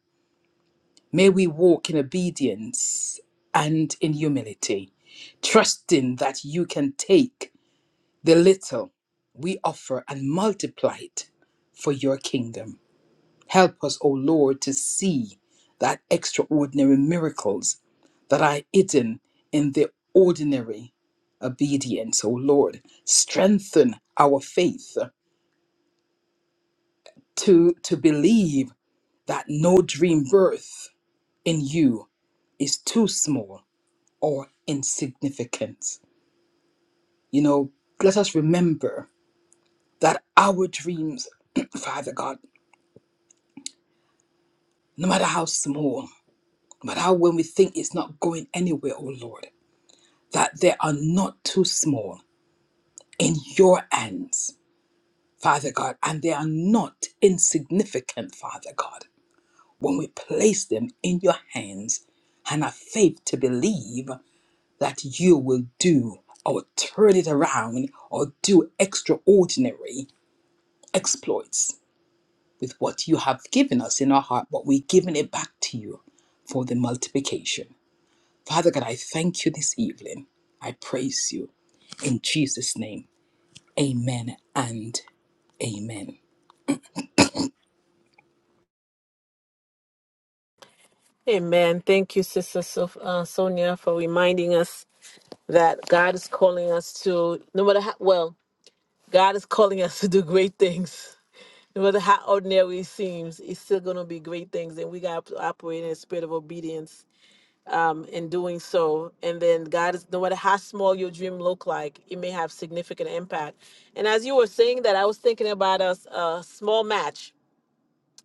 E: May we walk in obedience and in humility, trusting that you can take the little we offer and multiply it for your kingdom. Help us, O Lord, to see that extraordinary miracles that are hidden in the ordinary obedience, O Lord. Strengthen our faith to, to believe that no dream birth in you is too small or insignificant. You know, let us remember that our dreams, Father God, no matter how small, no matter how when we think it's not going anywhere, oh Lord, that they are not too small in your hands, Father God, and they are not insignificant, Father God, when we place them in your hands and have faith to believe that you will do or turn it around or do extraordinary exploits with what you have given us in our heart, but we're giving it back to you for the multiplication. Father God, I thank you this evening. I praise you in Jesus' name. Amen and amen.
A: Amen. Thank you, Sister Sof- uh, Sonia, for reminding us that God is calling us to, no matter how, well, God is calling us to do great things. No matter how ordinary it seems, it's still going to be great things. And we got to operate in a spirit of obedience um, in doing so. And then God is, no matter how small your dream look like, it may have significant impact. And as you were saying that, I was thinking about a, s- a small match,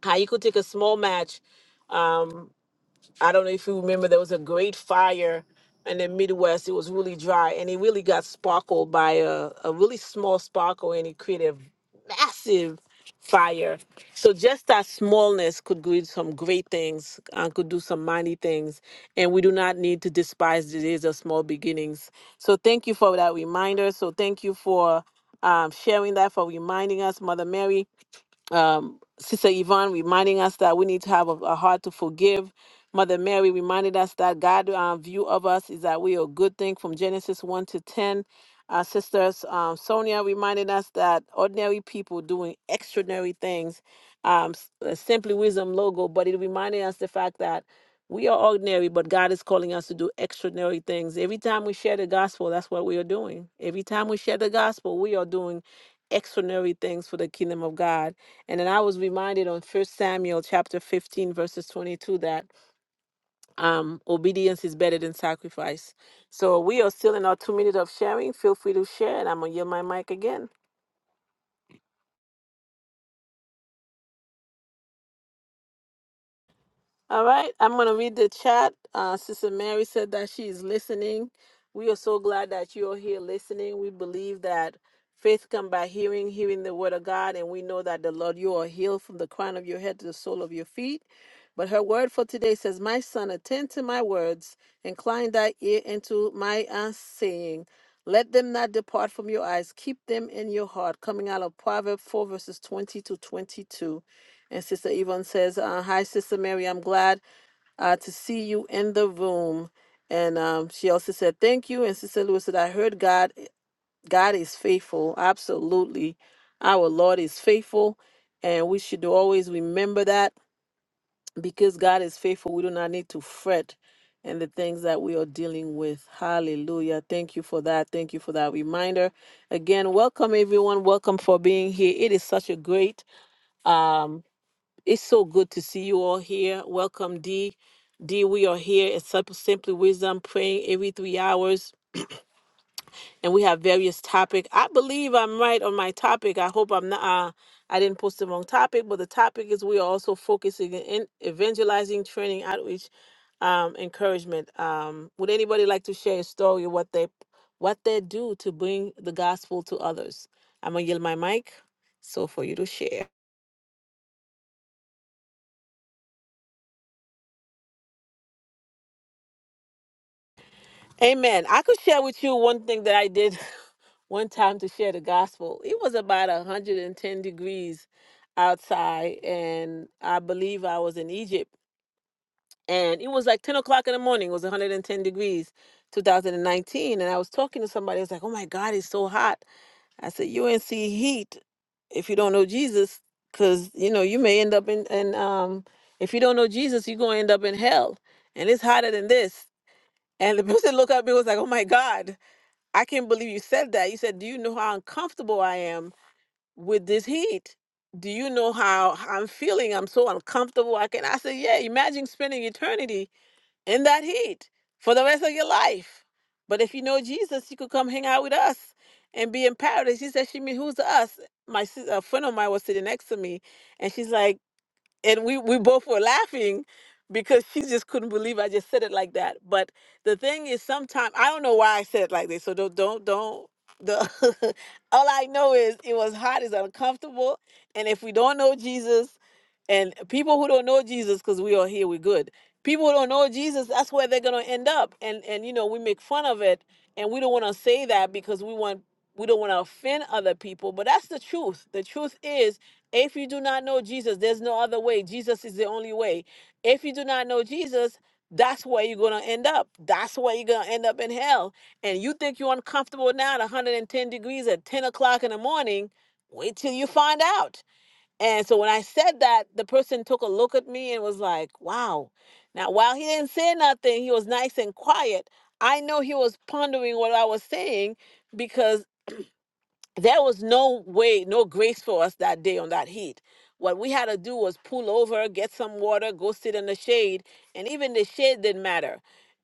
A: how you could take a small match um, I don't know if you remember, there was a great fire in the Midwest. It was really dry, and it really got sparkled by a, a really small sparkle, and it created a massive fire. So just that smallness could do some great things and could do some mighty things. And we do not need to despise the days of small beginnings. So thank you for that reminder. So thank you for um, sharing that, for reminding us, Mother Mary um, Sister Yvonne reminding us that we need to have a, a heart to forgive. Mother Mary reminded us that God's uh, view of us is that we are a good thing from Genesis 1 to 10. Our sisters, um, Sonia reminded us that ordinary people doing extraordinary things, um, s- uh, simply wisdom logo, but it reminded us the fact that we are ordinary, but God is calling us to do extraordinary things. Every time we share the gospel, that's what we are doing. Every time we share the gospel, we are doing extraordinary things for the kingdom of God. And then I was reminded on First Samuel chapter 15, verses 22, that um, obedience is better than sacrifice. So we are still in our two minutes of sharing. Feel free to share, and I'm going to yield my mic again. All right, I'm going to read the chat. Uh, Sister Mary said that she is listening. We are so glad that you are here listening. We believe that faith comes by hearing, hearing the word of God, and we know that the Lord, you are healed from the crown of your head to the sole of your feet. But her word for today says, My son, attend to my words, incline thy ear into my uh, saying. Let them not depart from your eyes, keep them in your heart. Coming out of Proverbs 4, verses 20 to 22. And Sister Yvonne says, uh, Hi, Sister Mary, I'm glad uh, to see you in the room. And um, she also said, Thank you. And Sister Lewis said, I heard God, God is faithful. Absolutely. Our Lord is faithful. And we should always remember that because God is faithful, we do not need to fret in the things that we are dealing with. Hallelujah. Thank you for that. Thank you for that reminder. Again, welcome everyone. Welcome for being here. It is such a great. Um, it's so good to see you all here. Welcome, D. D, we are here at Sup- Simply Wisdom, praying every three hours, and we have various topic. I believe I'm right on my topic. I hope I'm not. Uh, I didn't post the wrong topic, but the topic is we are also focusing in evangelizing, training, outreach, um, encouragement. Um, would anybody like to share a story of what they what they do to bring the gospel to others? I'm gonna yield my mic so for you to share. Amen. I could share with you one thing that I did. one time to share the gospel. It was about 110 degrees outside, and I believe I was in Egypt. And it was like 10 o'clock in the morning, it was 110 degrees, 2019. And nineteen. And I was talking to somebody, I was like, oh my God, it's so hot. I said, you ain't see heat if you don't know Jesus, because, you know, you may end up in, and um, if you don't know Jesus, you're going to end up in hell. And it's hotter than this. And the person looked at me and was like, oh my God. I can't believe you said that. You said, Do you know how uncomfortable I am with this heat? Do you know how how I'm feeling? I'm so uncomfortable. I can I said, Yeah, imagine spending eternity in that heat for the rest of your life. But if you know Jesus, you could come hang out with us and be in paradise. She said, She mean who's the us? My sis- a friend of mine was sitting next to me and she's like, and we we both were laughing because she just couldn't believe I just said it like that. But the thing is, sometimes I don't know why I said it like this. So don't don't don't. The all I know is it was hot, it's uncomfortable, and if we don't know Jesus, and people who don't know Jesus, because we are here, we're good. People who don't know Jesus, that's where they're gonna end up. And and you know we make fun of it, and we don't want to say that because we want we don't want to offend other people. But that's the truth. The truth is if you do not know Jesus, there's no other way. Jesus is the only way. If you do not know Jesus, that's where you're going to end up. That's where you're going to end up in hell. And you think you're uncomfortable now at 110 degrees at 10 o'clock in the morning. Wait till you find out. And so when I said that, the person took a look at me and was like, wow. Now, while he didn't say nothing, he was nice and quiet. I know he was pondering what I was saying because there was no way, no grace for us that day on that heat. What we had to do was pull over, get some water, go sit in the shade, and even the shade didn't matter.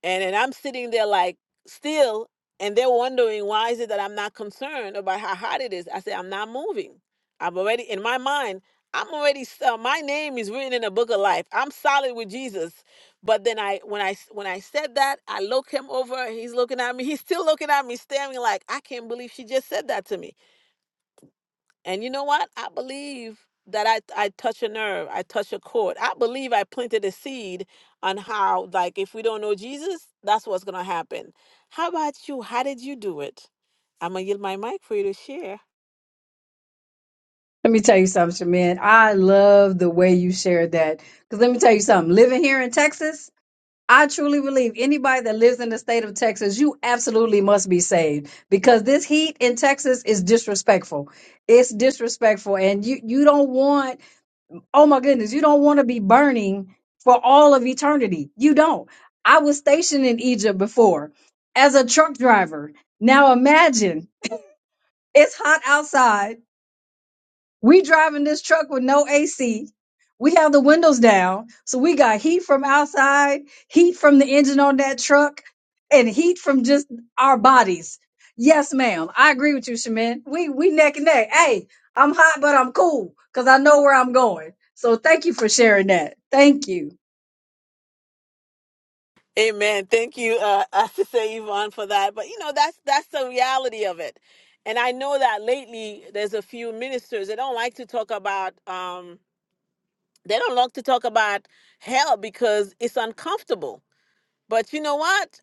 A: And and I'm sitting there like still, and they're wondering why is it that I'm not concerned about how hot it is. I said I'm not moving. I'm already in my mind. I'm already s- uh, my name is written in the book of life. I'm solid with Jesus. But then I when I s- when I said that, I look him over. He's looking at me. He's still looking at me, staring like I can't believe she just said that to me and you know what? I believe that I, I touch a nerve, I touch a chord. I believe I planted a seed on how, like, if we don't know Jesus, that's what's going to happen. How about you? How did you do it? I'm going to yield my mic for you to share.
D: Let me tell you something, man. I love the way you shared that. Because let me tell you something. Living here in Texas, I truly believe anybody that lives in the state of Texas, you absolutely must be saved because this heat in Texas is disrespectful. It's disrespectful and you you don't want oh my goodness, you don't want to be burning for all of eternity. You don't. I was stationed in Egypt before as a truck driver. Now imagine it's hot outside we driving this truck with no AC. We have the windows down. So we got heat from outside, heat from the engine on that truck, and heat from just our bodies. Yes, ma'am. I agree with you, Shaman. We we neck and neck. Hey, I'm hot, but I'm cool because I know where I'm going. So thank you for sharing that. Thank you.
A: Amen. Thank you, uh, I to say Yvonne for that. But you know, that's that's the reality of it. And I know that lately there's a few ministers they don't like to talk about um they don't like to talk about hell because it's uncomfortable. But you know what?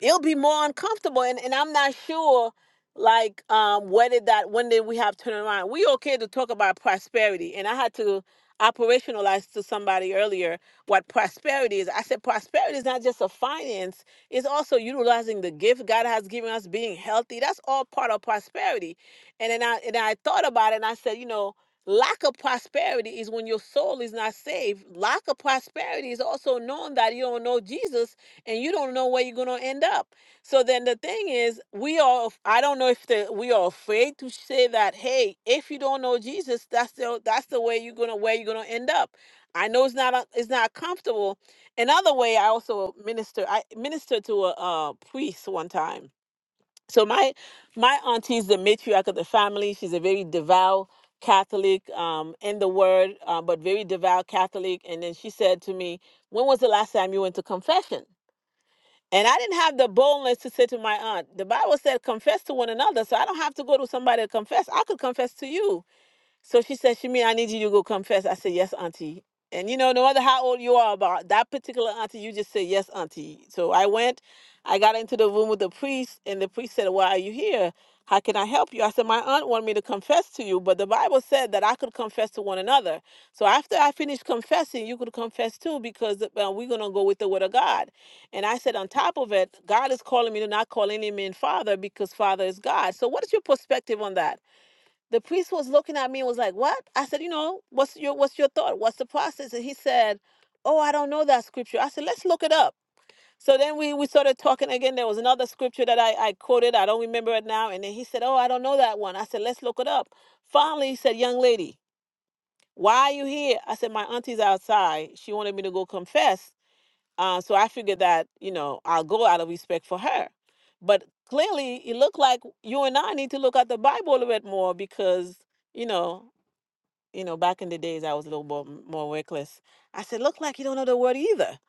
A: it'll be more uncomfortable and, and i'm not sure like um when did that when did we have turn around we okay to talk about prosperity and i had to operationalize to somebody earlier what prosperity is i said prosperity is not just a finance it's also utilizing the gift god has given us being healthy that's all part of prosperity and then i and i thought about it and i said you know lack of prosperity is when your soul is not saved lack of prosperity is also knowing that you don't know jesus and you don't know where you're going to end up. So then the thing is, we are, I don't know if the, we are afraid to say that, hey, if you don't know Jesus, that's the, that's the way you're going to, where you're going to end up. I know it's not, a, it's not comfortable. Another way I also minister, I ministered to a, uh priest one time. So my, my auntie's the matriarch of the family. She's a very devout Catholic um, in the word, uh, but very devout Catholic. And then she said to me, when was the last time you went to confession? And I didn't have the boldness to say to my aunt, the Bible said confess to one another. So I don't have to go to somebody to confess. I could confess to you. So she said, Shimi, I need you to go confess. I said, Yes, Auntie. And you know, no matter how old you are, about that particular auntie, you just say, Yes, Auntie. So I went, I got into the room with the priest, and the priest said, Why are you here? How can I help you? I said, My aunt wanted me to confess to you, but the Bible said that I could confess to one another. So after I finished confessing, you could confess too, because uh, we're going to go with the word of God. And I said, On top of it, God is calling me to not call any man father because father is God. So what is your perspective on that? The priest was looking at me and was like, "What?" I said, "You know, what's your what's your thought? What's the process?" And he said, "Oh, I don't know that scripture." I said, "Let's look it up." So then we we started talking again. There was another scripture that I I quoted. I don't remember it now. And then he said, "Oh, I don't know that one." I said, "Let's look it up." Finally, he said, "Young lady, why are you here?" I said, "My auntie's outside. She wanted me to go confess." Uh, so I figured that you know I'll go out of respect for her. But clearly, it looked like you and I need to look at the Bible a little bit more because you know you know, back in the days I was a little more more reckless. I said, "Look like you don't know the word either."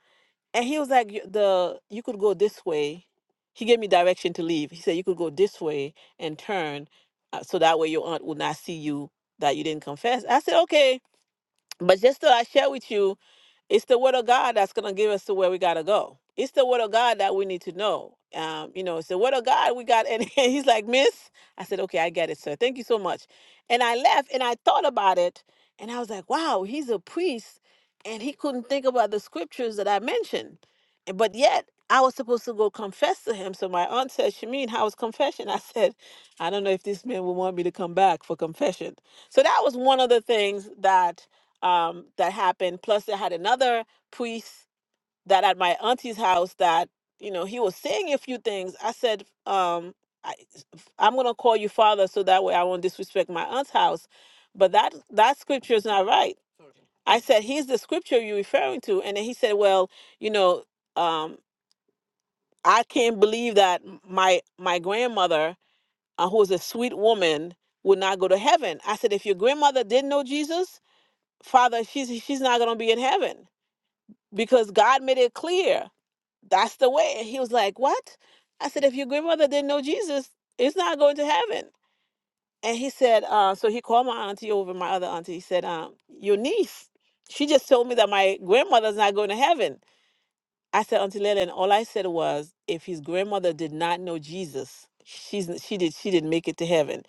A: And he was like, "You- "The you could go this way." He gave me direction to leave. He said, "You could go this way and turn, uh, so that way your aunt would not see you that you didn't confess." I said, "Okay." But just that I share with you, it's the word of God that's gonna give us to where we gotta go. It's the word of God that we need to know. Um, you know, it's the word of God we got, and and he's like, Miss, I said, okay, I get it, sir. Thank you so much. And I left, and I thought about it, and I was like, wow, he's a priest, and he couldn't think about the scriptures that I mentioned, And- but yet I was supposed to go confess to him. So my aunt said, Shamin, how was confession? I said, I don't know if this man will want me to come back for confession. So that was one of the things that um, that happened. Plus, I had another priest that at my auntie's house that you know he was saying a few things. I said, um, I, I'm gonna call you father so that way I won't disrespect my aunt's house. But that that scripture is not right. I said, here's the scripture you're referring to. And then he said, well, you know, um, I can't believe that m- my my grandmother, uh, who was a sweet woman, would not go to heaven. I said, if your grandmother didn't know Jesus, Father, she's she's not gonna be in heaven because God made it clear that's the way. He was like, What? I said, If your grandmother didn't know Jesus, it's not going to heaven. And he said, uh, So he called my auntie over, my other auntie. He said, um, Your niece, she just told me that my grandmother's not going to heaven. I said, Auntie Leila, all I said was, If his grandmother did not know Jesus, she's she did she didn't make it to heaven.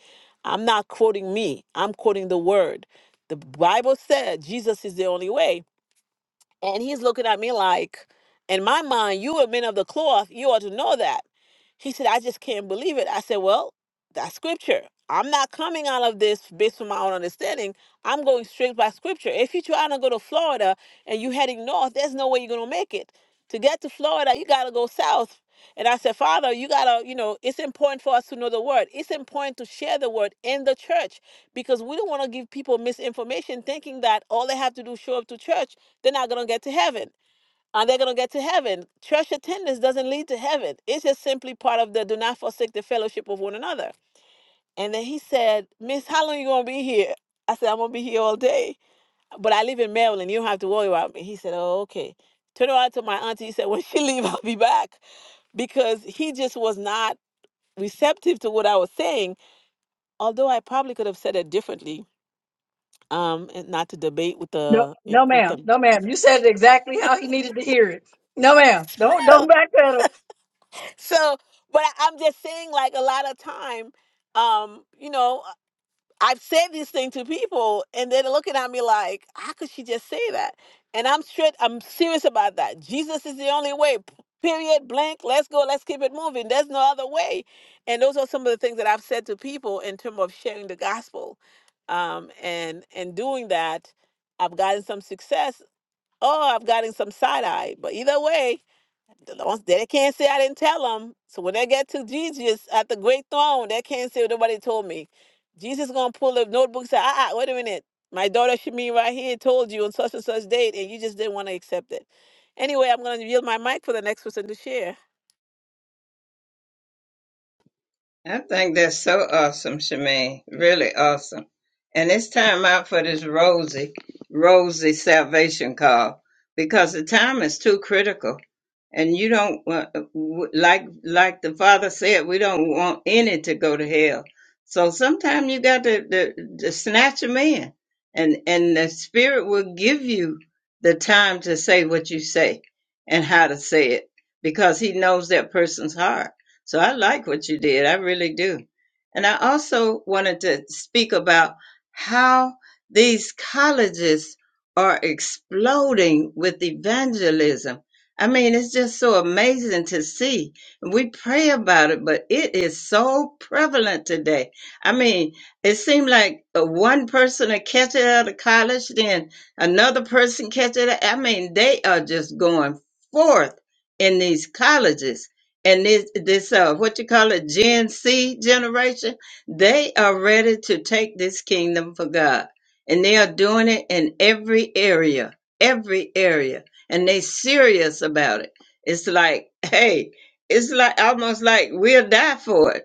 A: I'm not quoting me. I'm quoting the word. The Bible said Jesus is the only way. And he's looking at me like, in my mind, you are men of the cloth. You ought to know that. He said, I just can't believe it. I said, Well, that's scripture. I'm not coming out of this based on my own understanding. I'm going straight by scripture. If you're trying to go to Florida and you're heading north, there's no way you're going to make it. To get to Florida, you got to go south. And I said, Father, you got to, you know, it's important for us to know the word. It's important to share the word in the church because we don't want to give people misinformation thinking that all they have to do is show up to church they're not going to get to heaven. Are they going to get to heaven? Church attendance doesn't lead to heaven. It's just simply part of the do not forsake the fellowship of one another. And then he said, Miss, how long you going to be here? I said, I'm going to be here all day. But I live in Maryland. You don't have to worry about me. He said, oh, okay. Turn around to my auntie. He said, when she leave, I'll be back. Because he just was not receptive to what I was saying. Although I probably could have said it differently um, and not to debate with
D: No,
A: the, you know,
D: no,
A: with
D: ma'am. No,
A: the
D: ma'am. You said it exactly how he needed to hear it. No, ma'am. Don't don't backpedal.
A: so but I, i'm just saying like a lot of time um you know i've said this thing to people and they're looking at me like how could she just say that and i'm straight i'm serious about that jesus is the only way p- period blank let's go let's keep it moving there's no other way and those are some of the things that i've said to people in terms of sharing the gospel um and and doing that i've gotten some success Oh, i've gotten some side eye but either way the ones- that They can't say I didn't tell them. So when they get to Jesus at the great throne, they can't say nobody told me. Jesus gonna pull a notebook and say, ah, ah, wait a minute. My daughter Shemi right here told you on such and such date, and you just didn't want to accept it. Anyway, I'm gonna yield my mic for the next person to share.
F: and Rosie, Rosie's salvation call because it's too critical. And you don't want, like like the father said, we don't want any to go to hell. spirit to, to snatch them in. And, and the spirit will give you the time to say what you say and how to say it because he knows that person's heart. So I like what you did. I really do. And I also wanted to speak about how these colleges are exploding with evangelism. I mean, it's just so amazing to see. We pray about it, but it is so prevalent today. I mean, it seemed like uh, one person will catch it out of college, then another person catch it. I mean, they are just going forth in these colleges. And this, this uh, what you call it, Gen C generation, they are ready to take this kingdom for God. And they are doing it in every area, every area. And they serious about it. It's like, hey, it's like almost like we'll die for it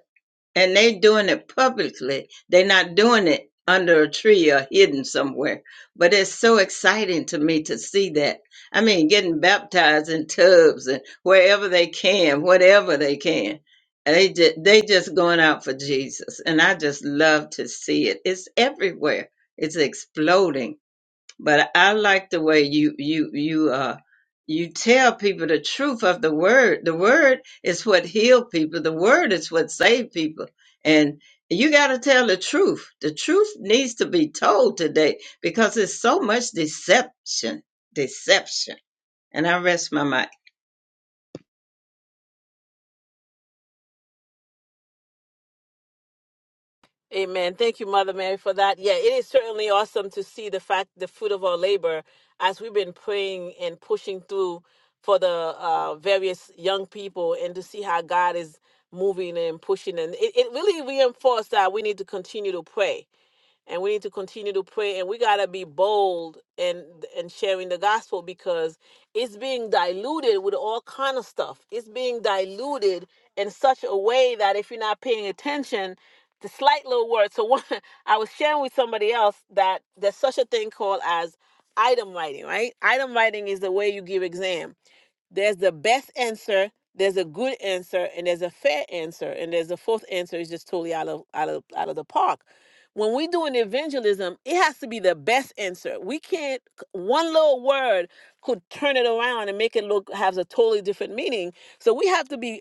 F: and they doing it publicly. They're not doing it under a tree or hidden somewhere. But it's so exciting to me to see that. I mean, getting baptized in tubs and wherever they can, whatever they can. And They just, they just going out for Jesus, and I just love to see it. It's everywhere. It's exploding but I like the way you you you uh you tell people the truth of the word. The word is what healed people. The word is what saved people. And you got to tell the truth. The truth needs to be told today because there's so much deception. Deception. And I rest my mind.
A: Amen. Thank you, Mother Mary, for that. Yeah, it is certainly awesome to see the fact, the fruit of our labor, as we've been praying and pushing through for the uh, various young people, and to see how God is moving and pushing, and it, it really reinforced that we need to continue to pray and we need to continue to pray and we got to be bold and and sharing the gospel because it's being diluted with all kind of stuff it's being diluted in such a way that if you're not paying attention the slight little words so one i was sharing with somebody else that there's such a thing called as item writing right item writing is the way you give exam there's the best answer, there's a good answer, and there's a fair answer, and there's a fourth answer is just totally out of out of out of the park. When we do an evangelism, it has to be the best answer. We can't one little word could turn it around and make it look has a totally different meaning. So we have to be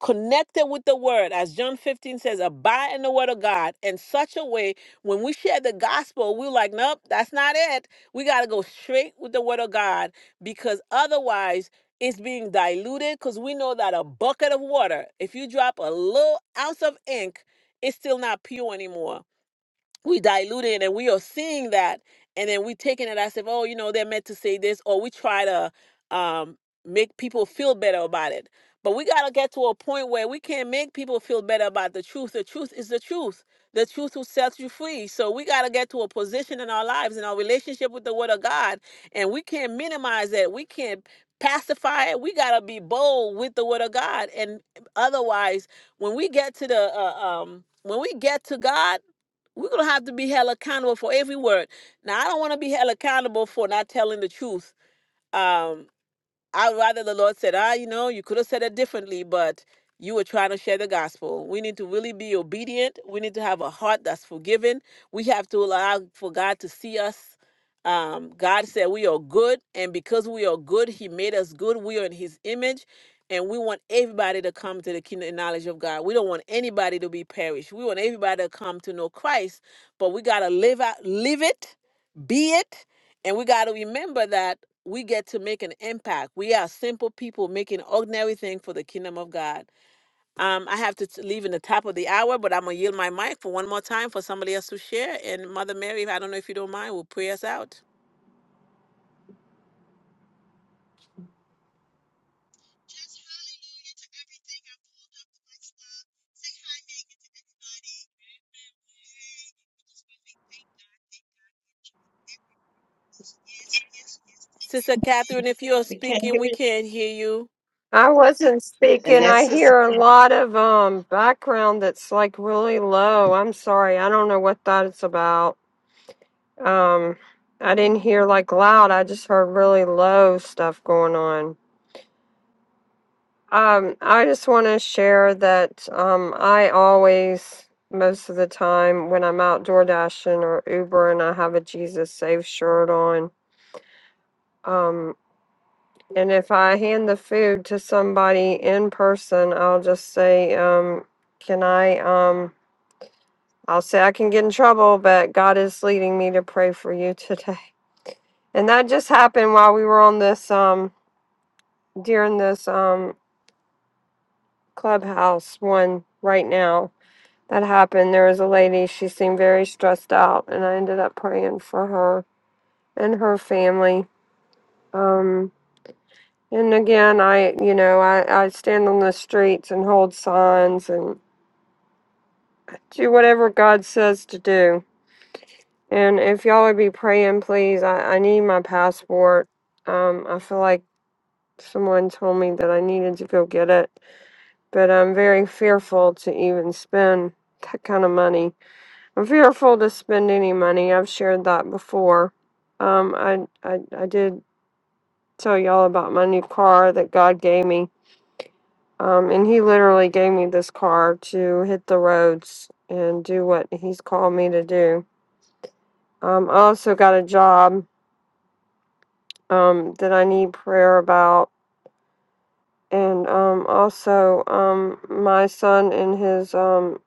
A: connected with the word as john 15 says abide in the word of god in such a way when we share the gospel we're like nope that's not it we got to go straight with the word of god because otherwise it's being diluted because we know that a bucket of water if you drop a little ounce of ink it's still not pure anymore we dilute it and we are seeing that and then we taking it as if oh you know they're meant to say this or we try to um make people feel better about it but we got to get to a point where we can't make people feel better about the truth the truth is the truth the truth will set you free so we got to get to a position in our lives in our relationship with the word of god and we can't minimize it we can't pacify it we got to be bold with the word of god and otherwise when we get to the uh, um when we get to god we're gonna have to be held accountable for every word. Now, I don't want to be held accountable for not telling the truth. Um, I'd rather the Lord said, ah, you know, you could have said it differently, but you were trying to share the gospel. We need to really be obedient. We need to have a heart that's forgiving. We have to allow for God to see us. Um, God said we are good, and because we are good, He made us good. We are in His image, and we want everybody to come to the kingdom and knowledge of God. We don't want anybody to be perished. We want everybody to come to know Christ, but we gotta live out, live it, be it, and we gotta remember that we get to make an impact. We are simple people making ordinary things for the kingdom of God. Um, I have to t- leave in the top of the hour, but I'm gonna yield my mic for one more time for somebody else to share. And Mother Mary, I don't know if you don't mind, will pray us out.
G: Just hallelujah to everything. I pulled up to my stop. Say hi, Megan, to everybody. Hey, family. Hey. we just want to say thank God, thank God for each Yes, yes, yes, to
A: Sister
G: everything. Thank
A: Catherine, if you are
G: God.
A: speaking, we can't hear you.
B: I wasn't speaking. I hear a lot of um background that's like really low. I'm sorry. I don't know what that is about. Um, I didn't hear like loud. I just heard really low stuff going on. Um, I just want to share that um, I always, most of the time, when I'm out door dashing or Ubering, I have a Jesus Save shirt on. Um, and if I hand the food to somebody in person, I'll just say, um, "Can I?" Um, I'll say I can get in trouble, but God is leading me to pray for you today. And that just happened while we were on this um, during this um, clubhouse one right now that happened. There was a lady, she seemed very stressed out, and I ended up praying for her and her family. Um, and again, I, you know, I, I stand on the streets and hold signs and do whatever God says to do. And if y'all would be praying, please, I, I need my passport. Um, I feel like someone told me that I needed to go get it, but I'm very fearful to even spend that kind of money I'm fearful to spend any money. I've shared that before. Um, I, I I did tell y'all about my new car that God gave me. Um, and He literally gave me this car to hit the roads and do what He's called me to do. Um, I also got a job um, that I need prayer about, and um, also um, my son and his um,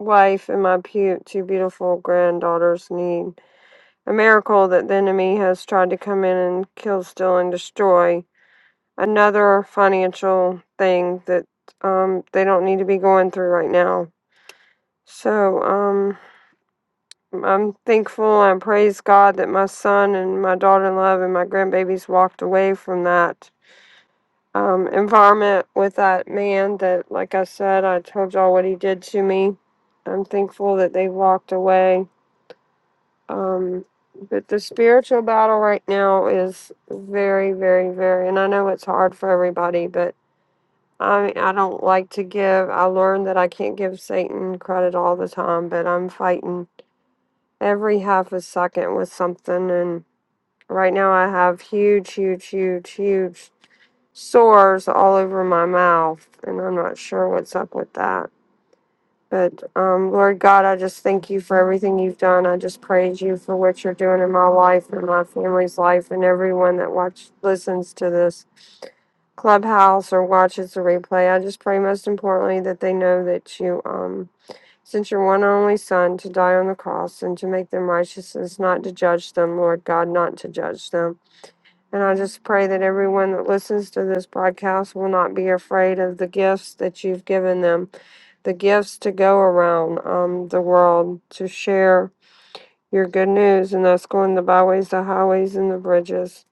B: wife and my pu- two beautiful granddaughters need A miracle that the enemy has tried to come in and kill, steal, and destroy. Another financial thing that um, they don't need to be going through right now. So um, I'm thankful and praise God that my son and my daughter in law and my grandbabies walked away from that um, environment with that man that, like I said, I told y'all what he did to me. I'm thankful that they walked away Um, but the spiritual battle right now is very, very, very, and I know it's hard for everybody, but I I don't like to give. I learned that I can't give Satan credit all the time, but I'm fighting every half a second with something, and right now I have huge, huge, huge, huge sores all over my mouth, and I'm not sure what's up with that. But um, Lord God, I just thank you for everything you've done. I just praise you for what you're doing in my life and my family's life and everyone that watch listens to this clubhouse or watches the replay. I just pray most importantly that they know that you um sent your one and only son to die on the cross and to make them righteousness, not to judge them, Lord God, not to judge them. And I just pray that everyone that listens to this broadcast will not be afraid of the gifts that you've given them the gifts to go around um, the world to share your good news, and that's going the byways, the highways, and the bridges.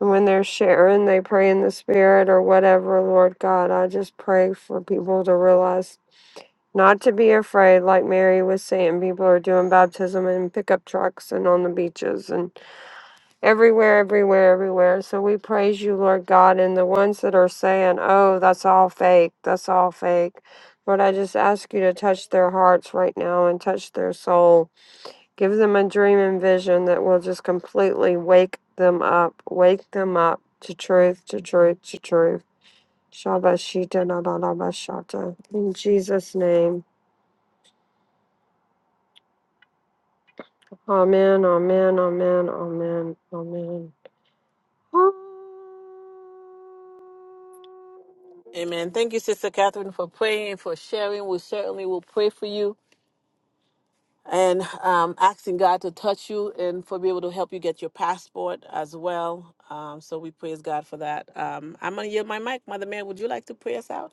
B: And when they're sharing, they pray in the spirit or whatever, Lord God. I just pray for people to realize not to be afraid, like Mary was saying. People are doing baptism in pickup trucks and on the beaches, and everywhere, everywhere, everywhere. So we praise you, Lord God, and the ones that are saying, oh, that's all fake, that's all fake. Lord, I just ask you to touch their hearts right now and touch their soul. Give them a dream and vision that will just completely wake them up, wake them up to truth, to truth, to truth. Shabashita na na na bashata. In Jesus' name. Amen, amen, amen, amen, amen. Ah.
A: Amen. Thank you, Sister Catherine, for praying, for sharing. We certainly will pray for you. and um, asking God to touch you and for be able to help you get your passport as well. Um, so we praise God for that. Um, I'm going to yield my mic. Mother Mary, would you like to pray us out?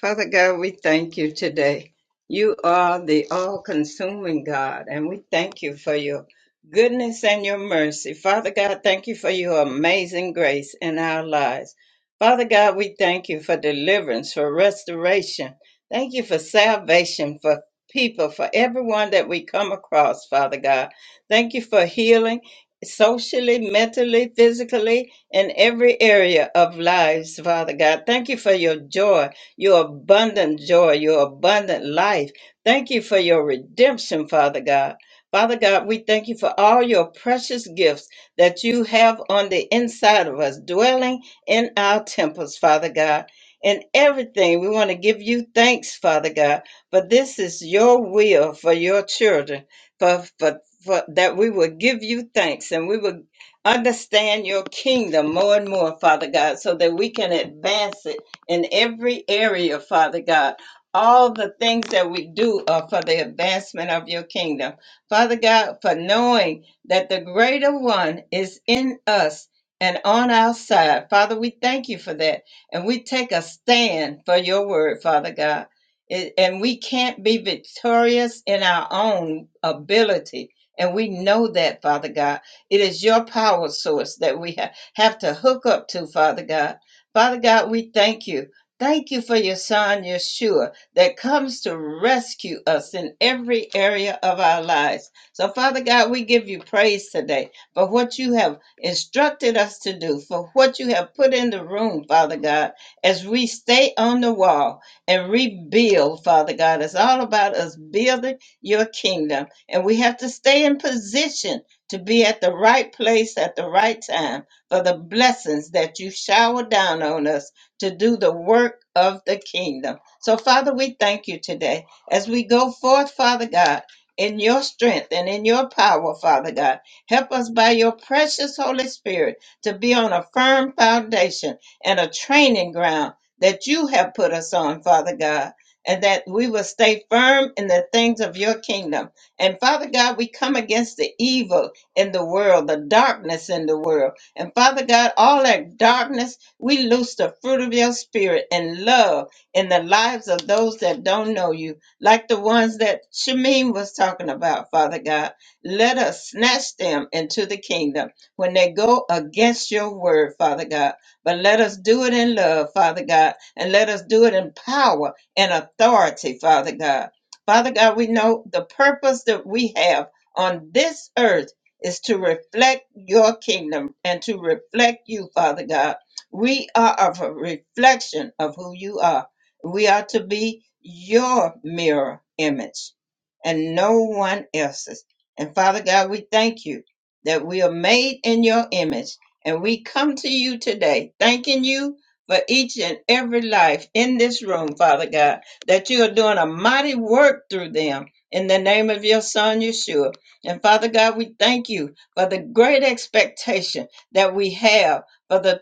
F: Father God, we thank you today. You are the all consuming God, and we thank you for your goodness and your mercy. Father God, thank you for your amazing grace in our lives. Father God, we thank you for deliverance, for restoration. Thank you for salvation, for people, for everyone that we come across, Father God. Thank you for healing socially, mentally, physically, in every area of lives, Father God. Thank you for your joy your abundant joy, your abundant life. Thank you for your redemption, Father God. Father God, we thank you for all your precious gifts that you have on the inside of us, dwelling in our temples, Father God. In everything, we want to give you thanks, Father God, for this is your will for your children, for, for, for that we will give you thanks and we will understand your kingdom more and more, Father God, so that we can advance it in every area, Father God. All the things that we do are for the advancement of your kingdom. Father God, for knowing that the greater one is in us and on our side. Father, we thank you for that. And we take a stand for your word, Father God. It- and we can't be victorious in our own ability. And we know that, Father God. It is your power source that we ha- have to hook up to, Father God Father God, we thank you. Thank you for your son, Yeshua, that comes to rescue us in every area of our lives. So, Father God, we give you praise today for what you have instructed us to do, for what you have put in the room, Father God, as we stay on the wall and rebuild, Father God. It's all about us building your kingdom, and we have to stay in position to be at the right place at the right time for the blessings that you shower down on us to do the work of the kingdom. So, Father, we thank you today as we go forth, Father God. In your strength and in your power, Father God. Help us by your precious Holy Spirit to be on a firm foundation and a training ground that you have put us on, Father God, and that we will stay firm in the things of your kingdom. And Father God, we come against the evil in the world, the darkness in the world. And Father God, all that darkness, we loose the fruit of your spirit and love in the lives of those that don't know you, like the ones that Shamin was talking about, Father God. Let us snatch them into the kingdom when they go against your word, Father God. But let us do it in love, Father God, and let us do it in power and authority, Father God. Father God, we know the purpose that we have on this earth is to reflect your kingdom and to reflect you, Father God. We are of a reflection of who you are. We are to be your mirror image and no one else's. And Father God, we thank you that we are made in your image. And we come to you today, thanking you for each and every life in this room, Father God, that you are doing a mighty work through them. In the name of your Son, Yeshua. And Father God, we thank you for the great expectation that we have for the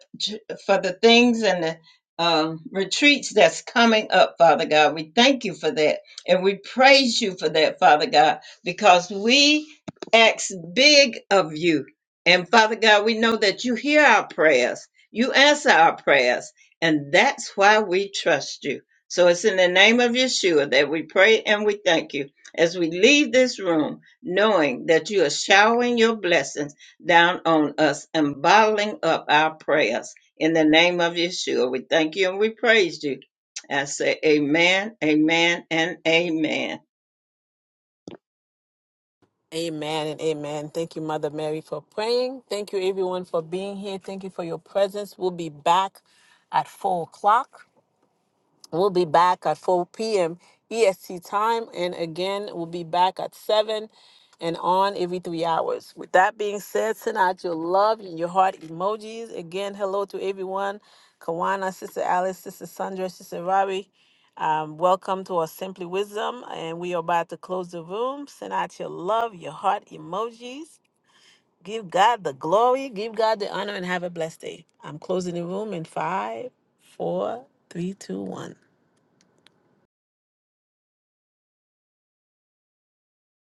F: for the things and the um, retreats that's coming up, Father God. We thank you for that, and we praise you for that, Father God, because we ask big of you. And Father God, we know that you hear our prayers, you answer our prayers, and that's why we trust you. So it's in the name of Yeshua that we pray and we thank you as we leave this room knowing that you are showering your blessings down on us and bottling up our prayers. In the name of Yeshua, we thank you and we praise you. I say amen, amen, and amen.
A: Amen and amen. Thank you, Mother Mary, for praying. Thank you, everyone, for being here. Thank you for your presence. We'll be back at four o'clock. We'll be back at 4 p.m. EST time. And again, we'll be back at 7 and on every three hours. With that being said, send out your love and your heart emojis. Again, hello to everyone. Kawana, Sister Alice, Sister Sandra, Sister Robbie. Um, welcome to our Simply Wisdom. And we are about to close the room. Send out your love, your heart emojis. Give God the glory, give God the honor, and have a blessed day. I'm closing the room in five, four, three, two, one.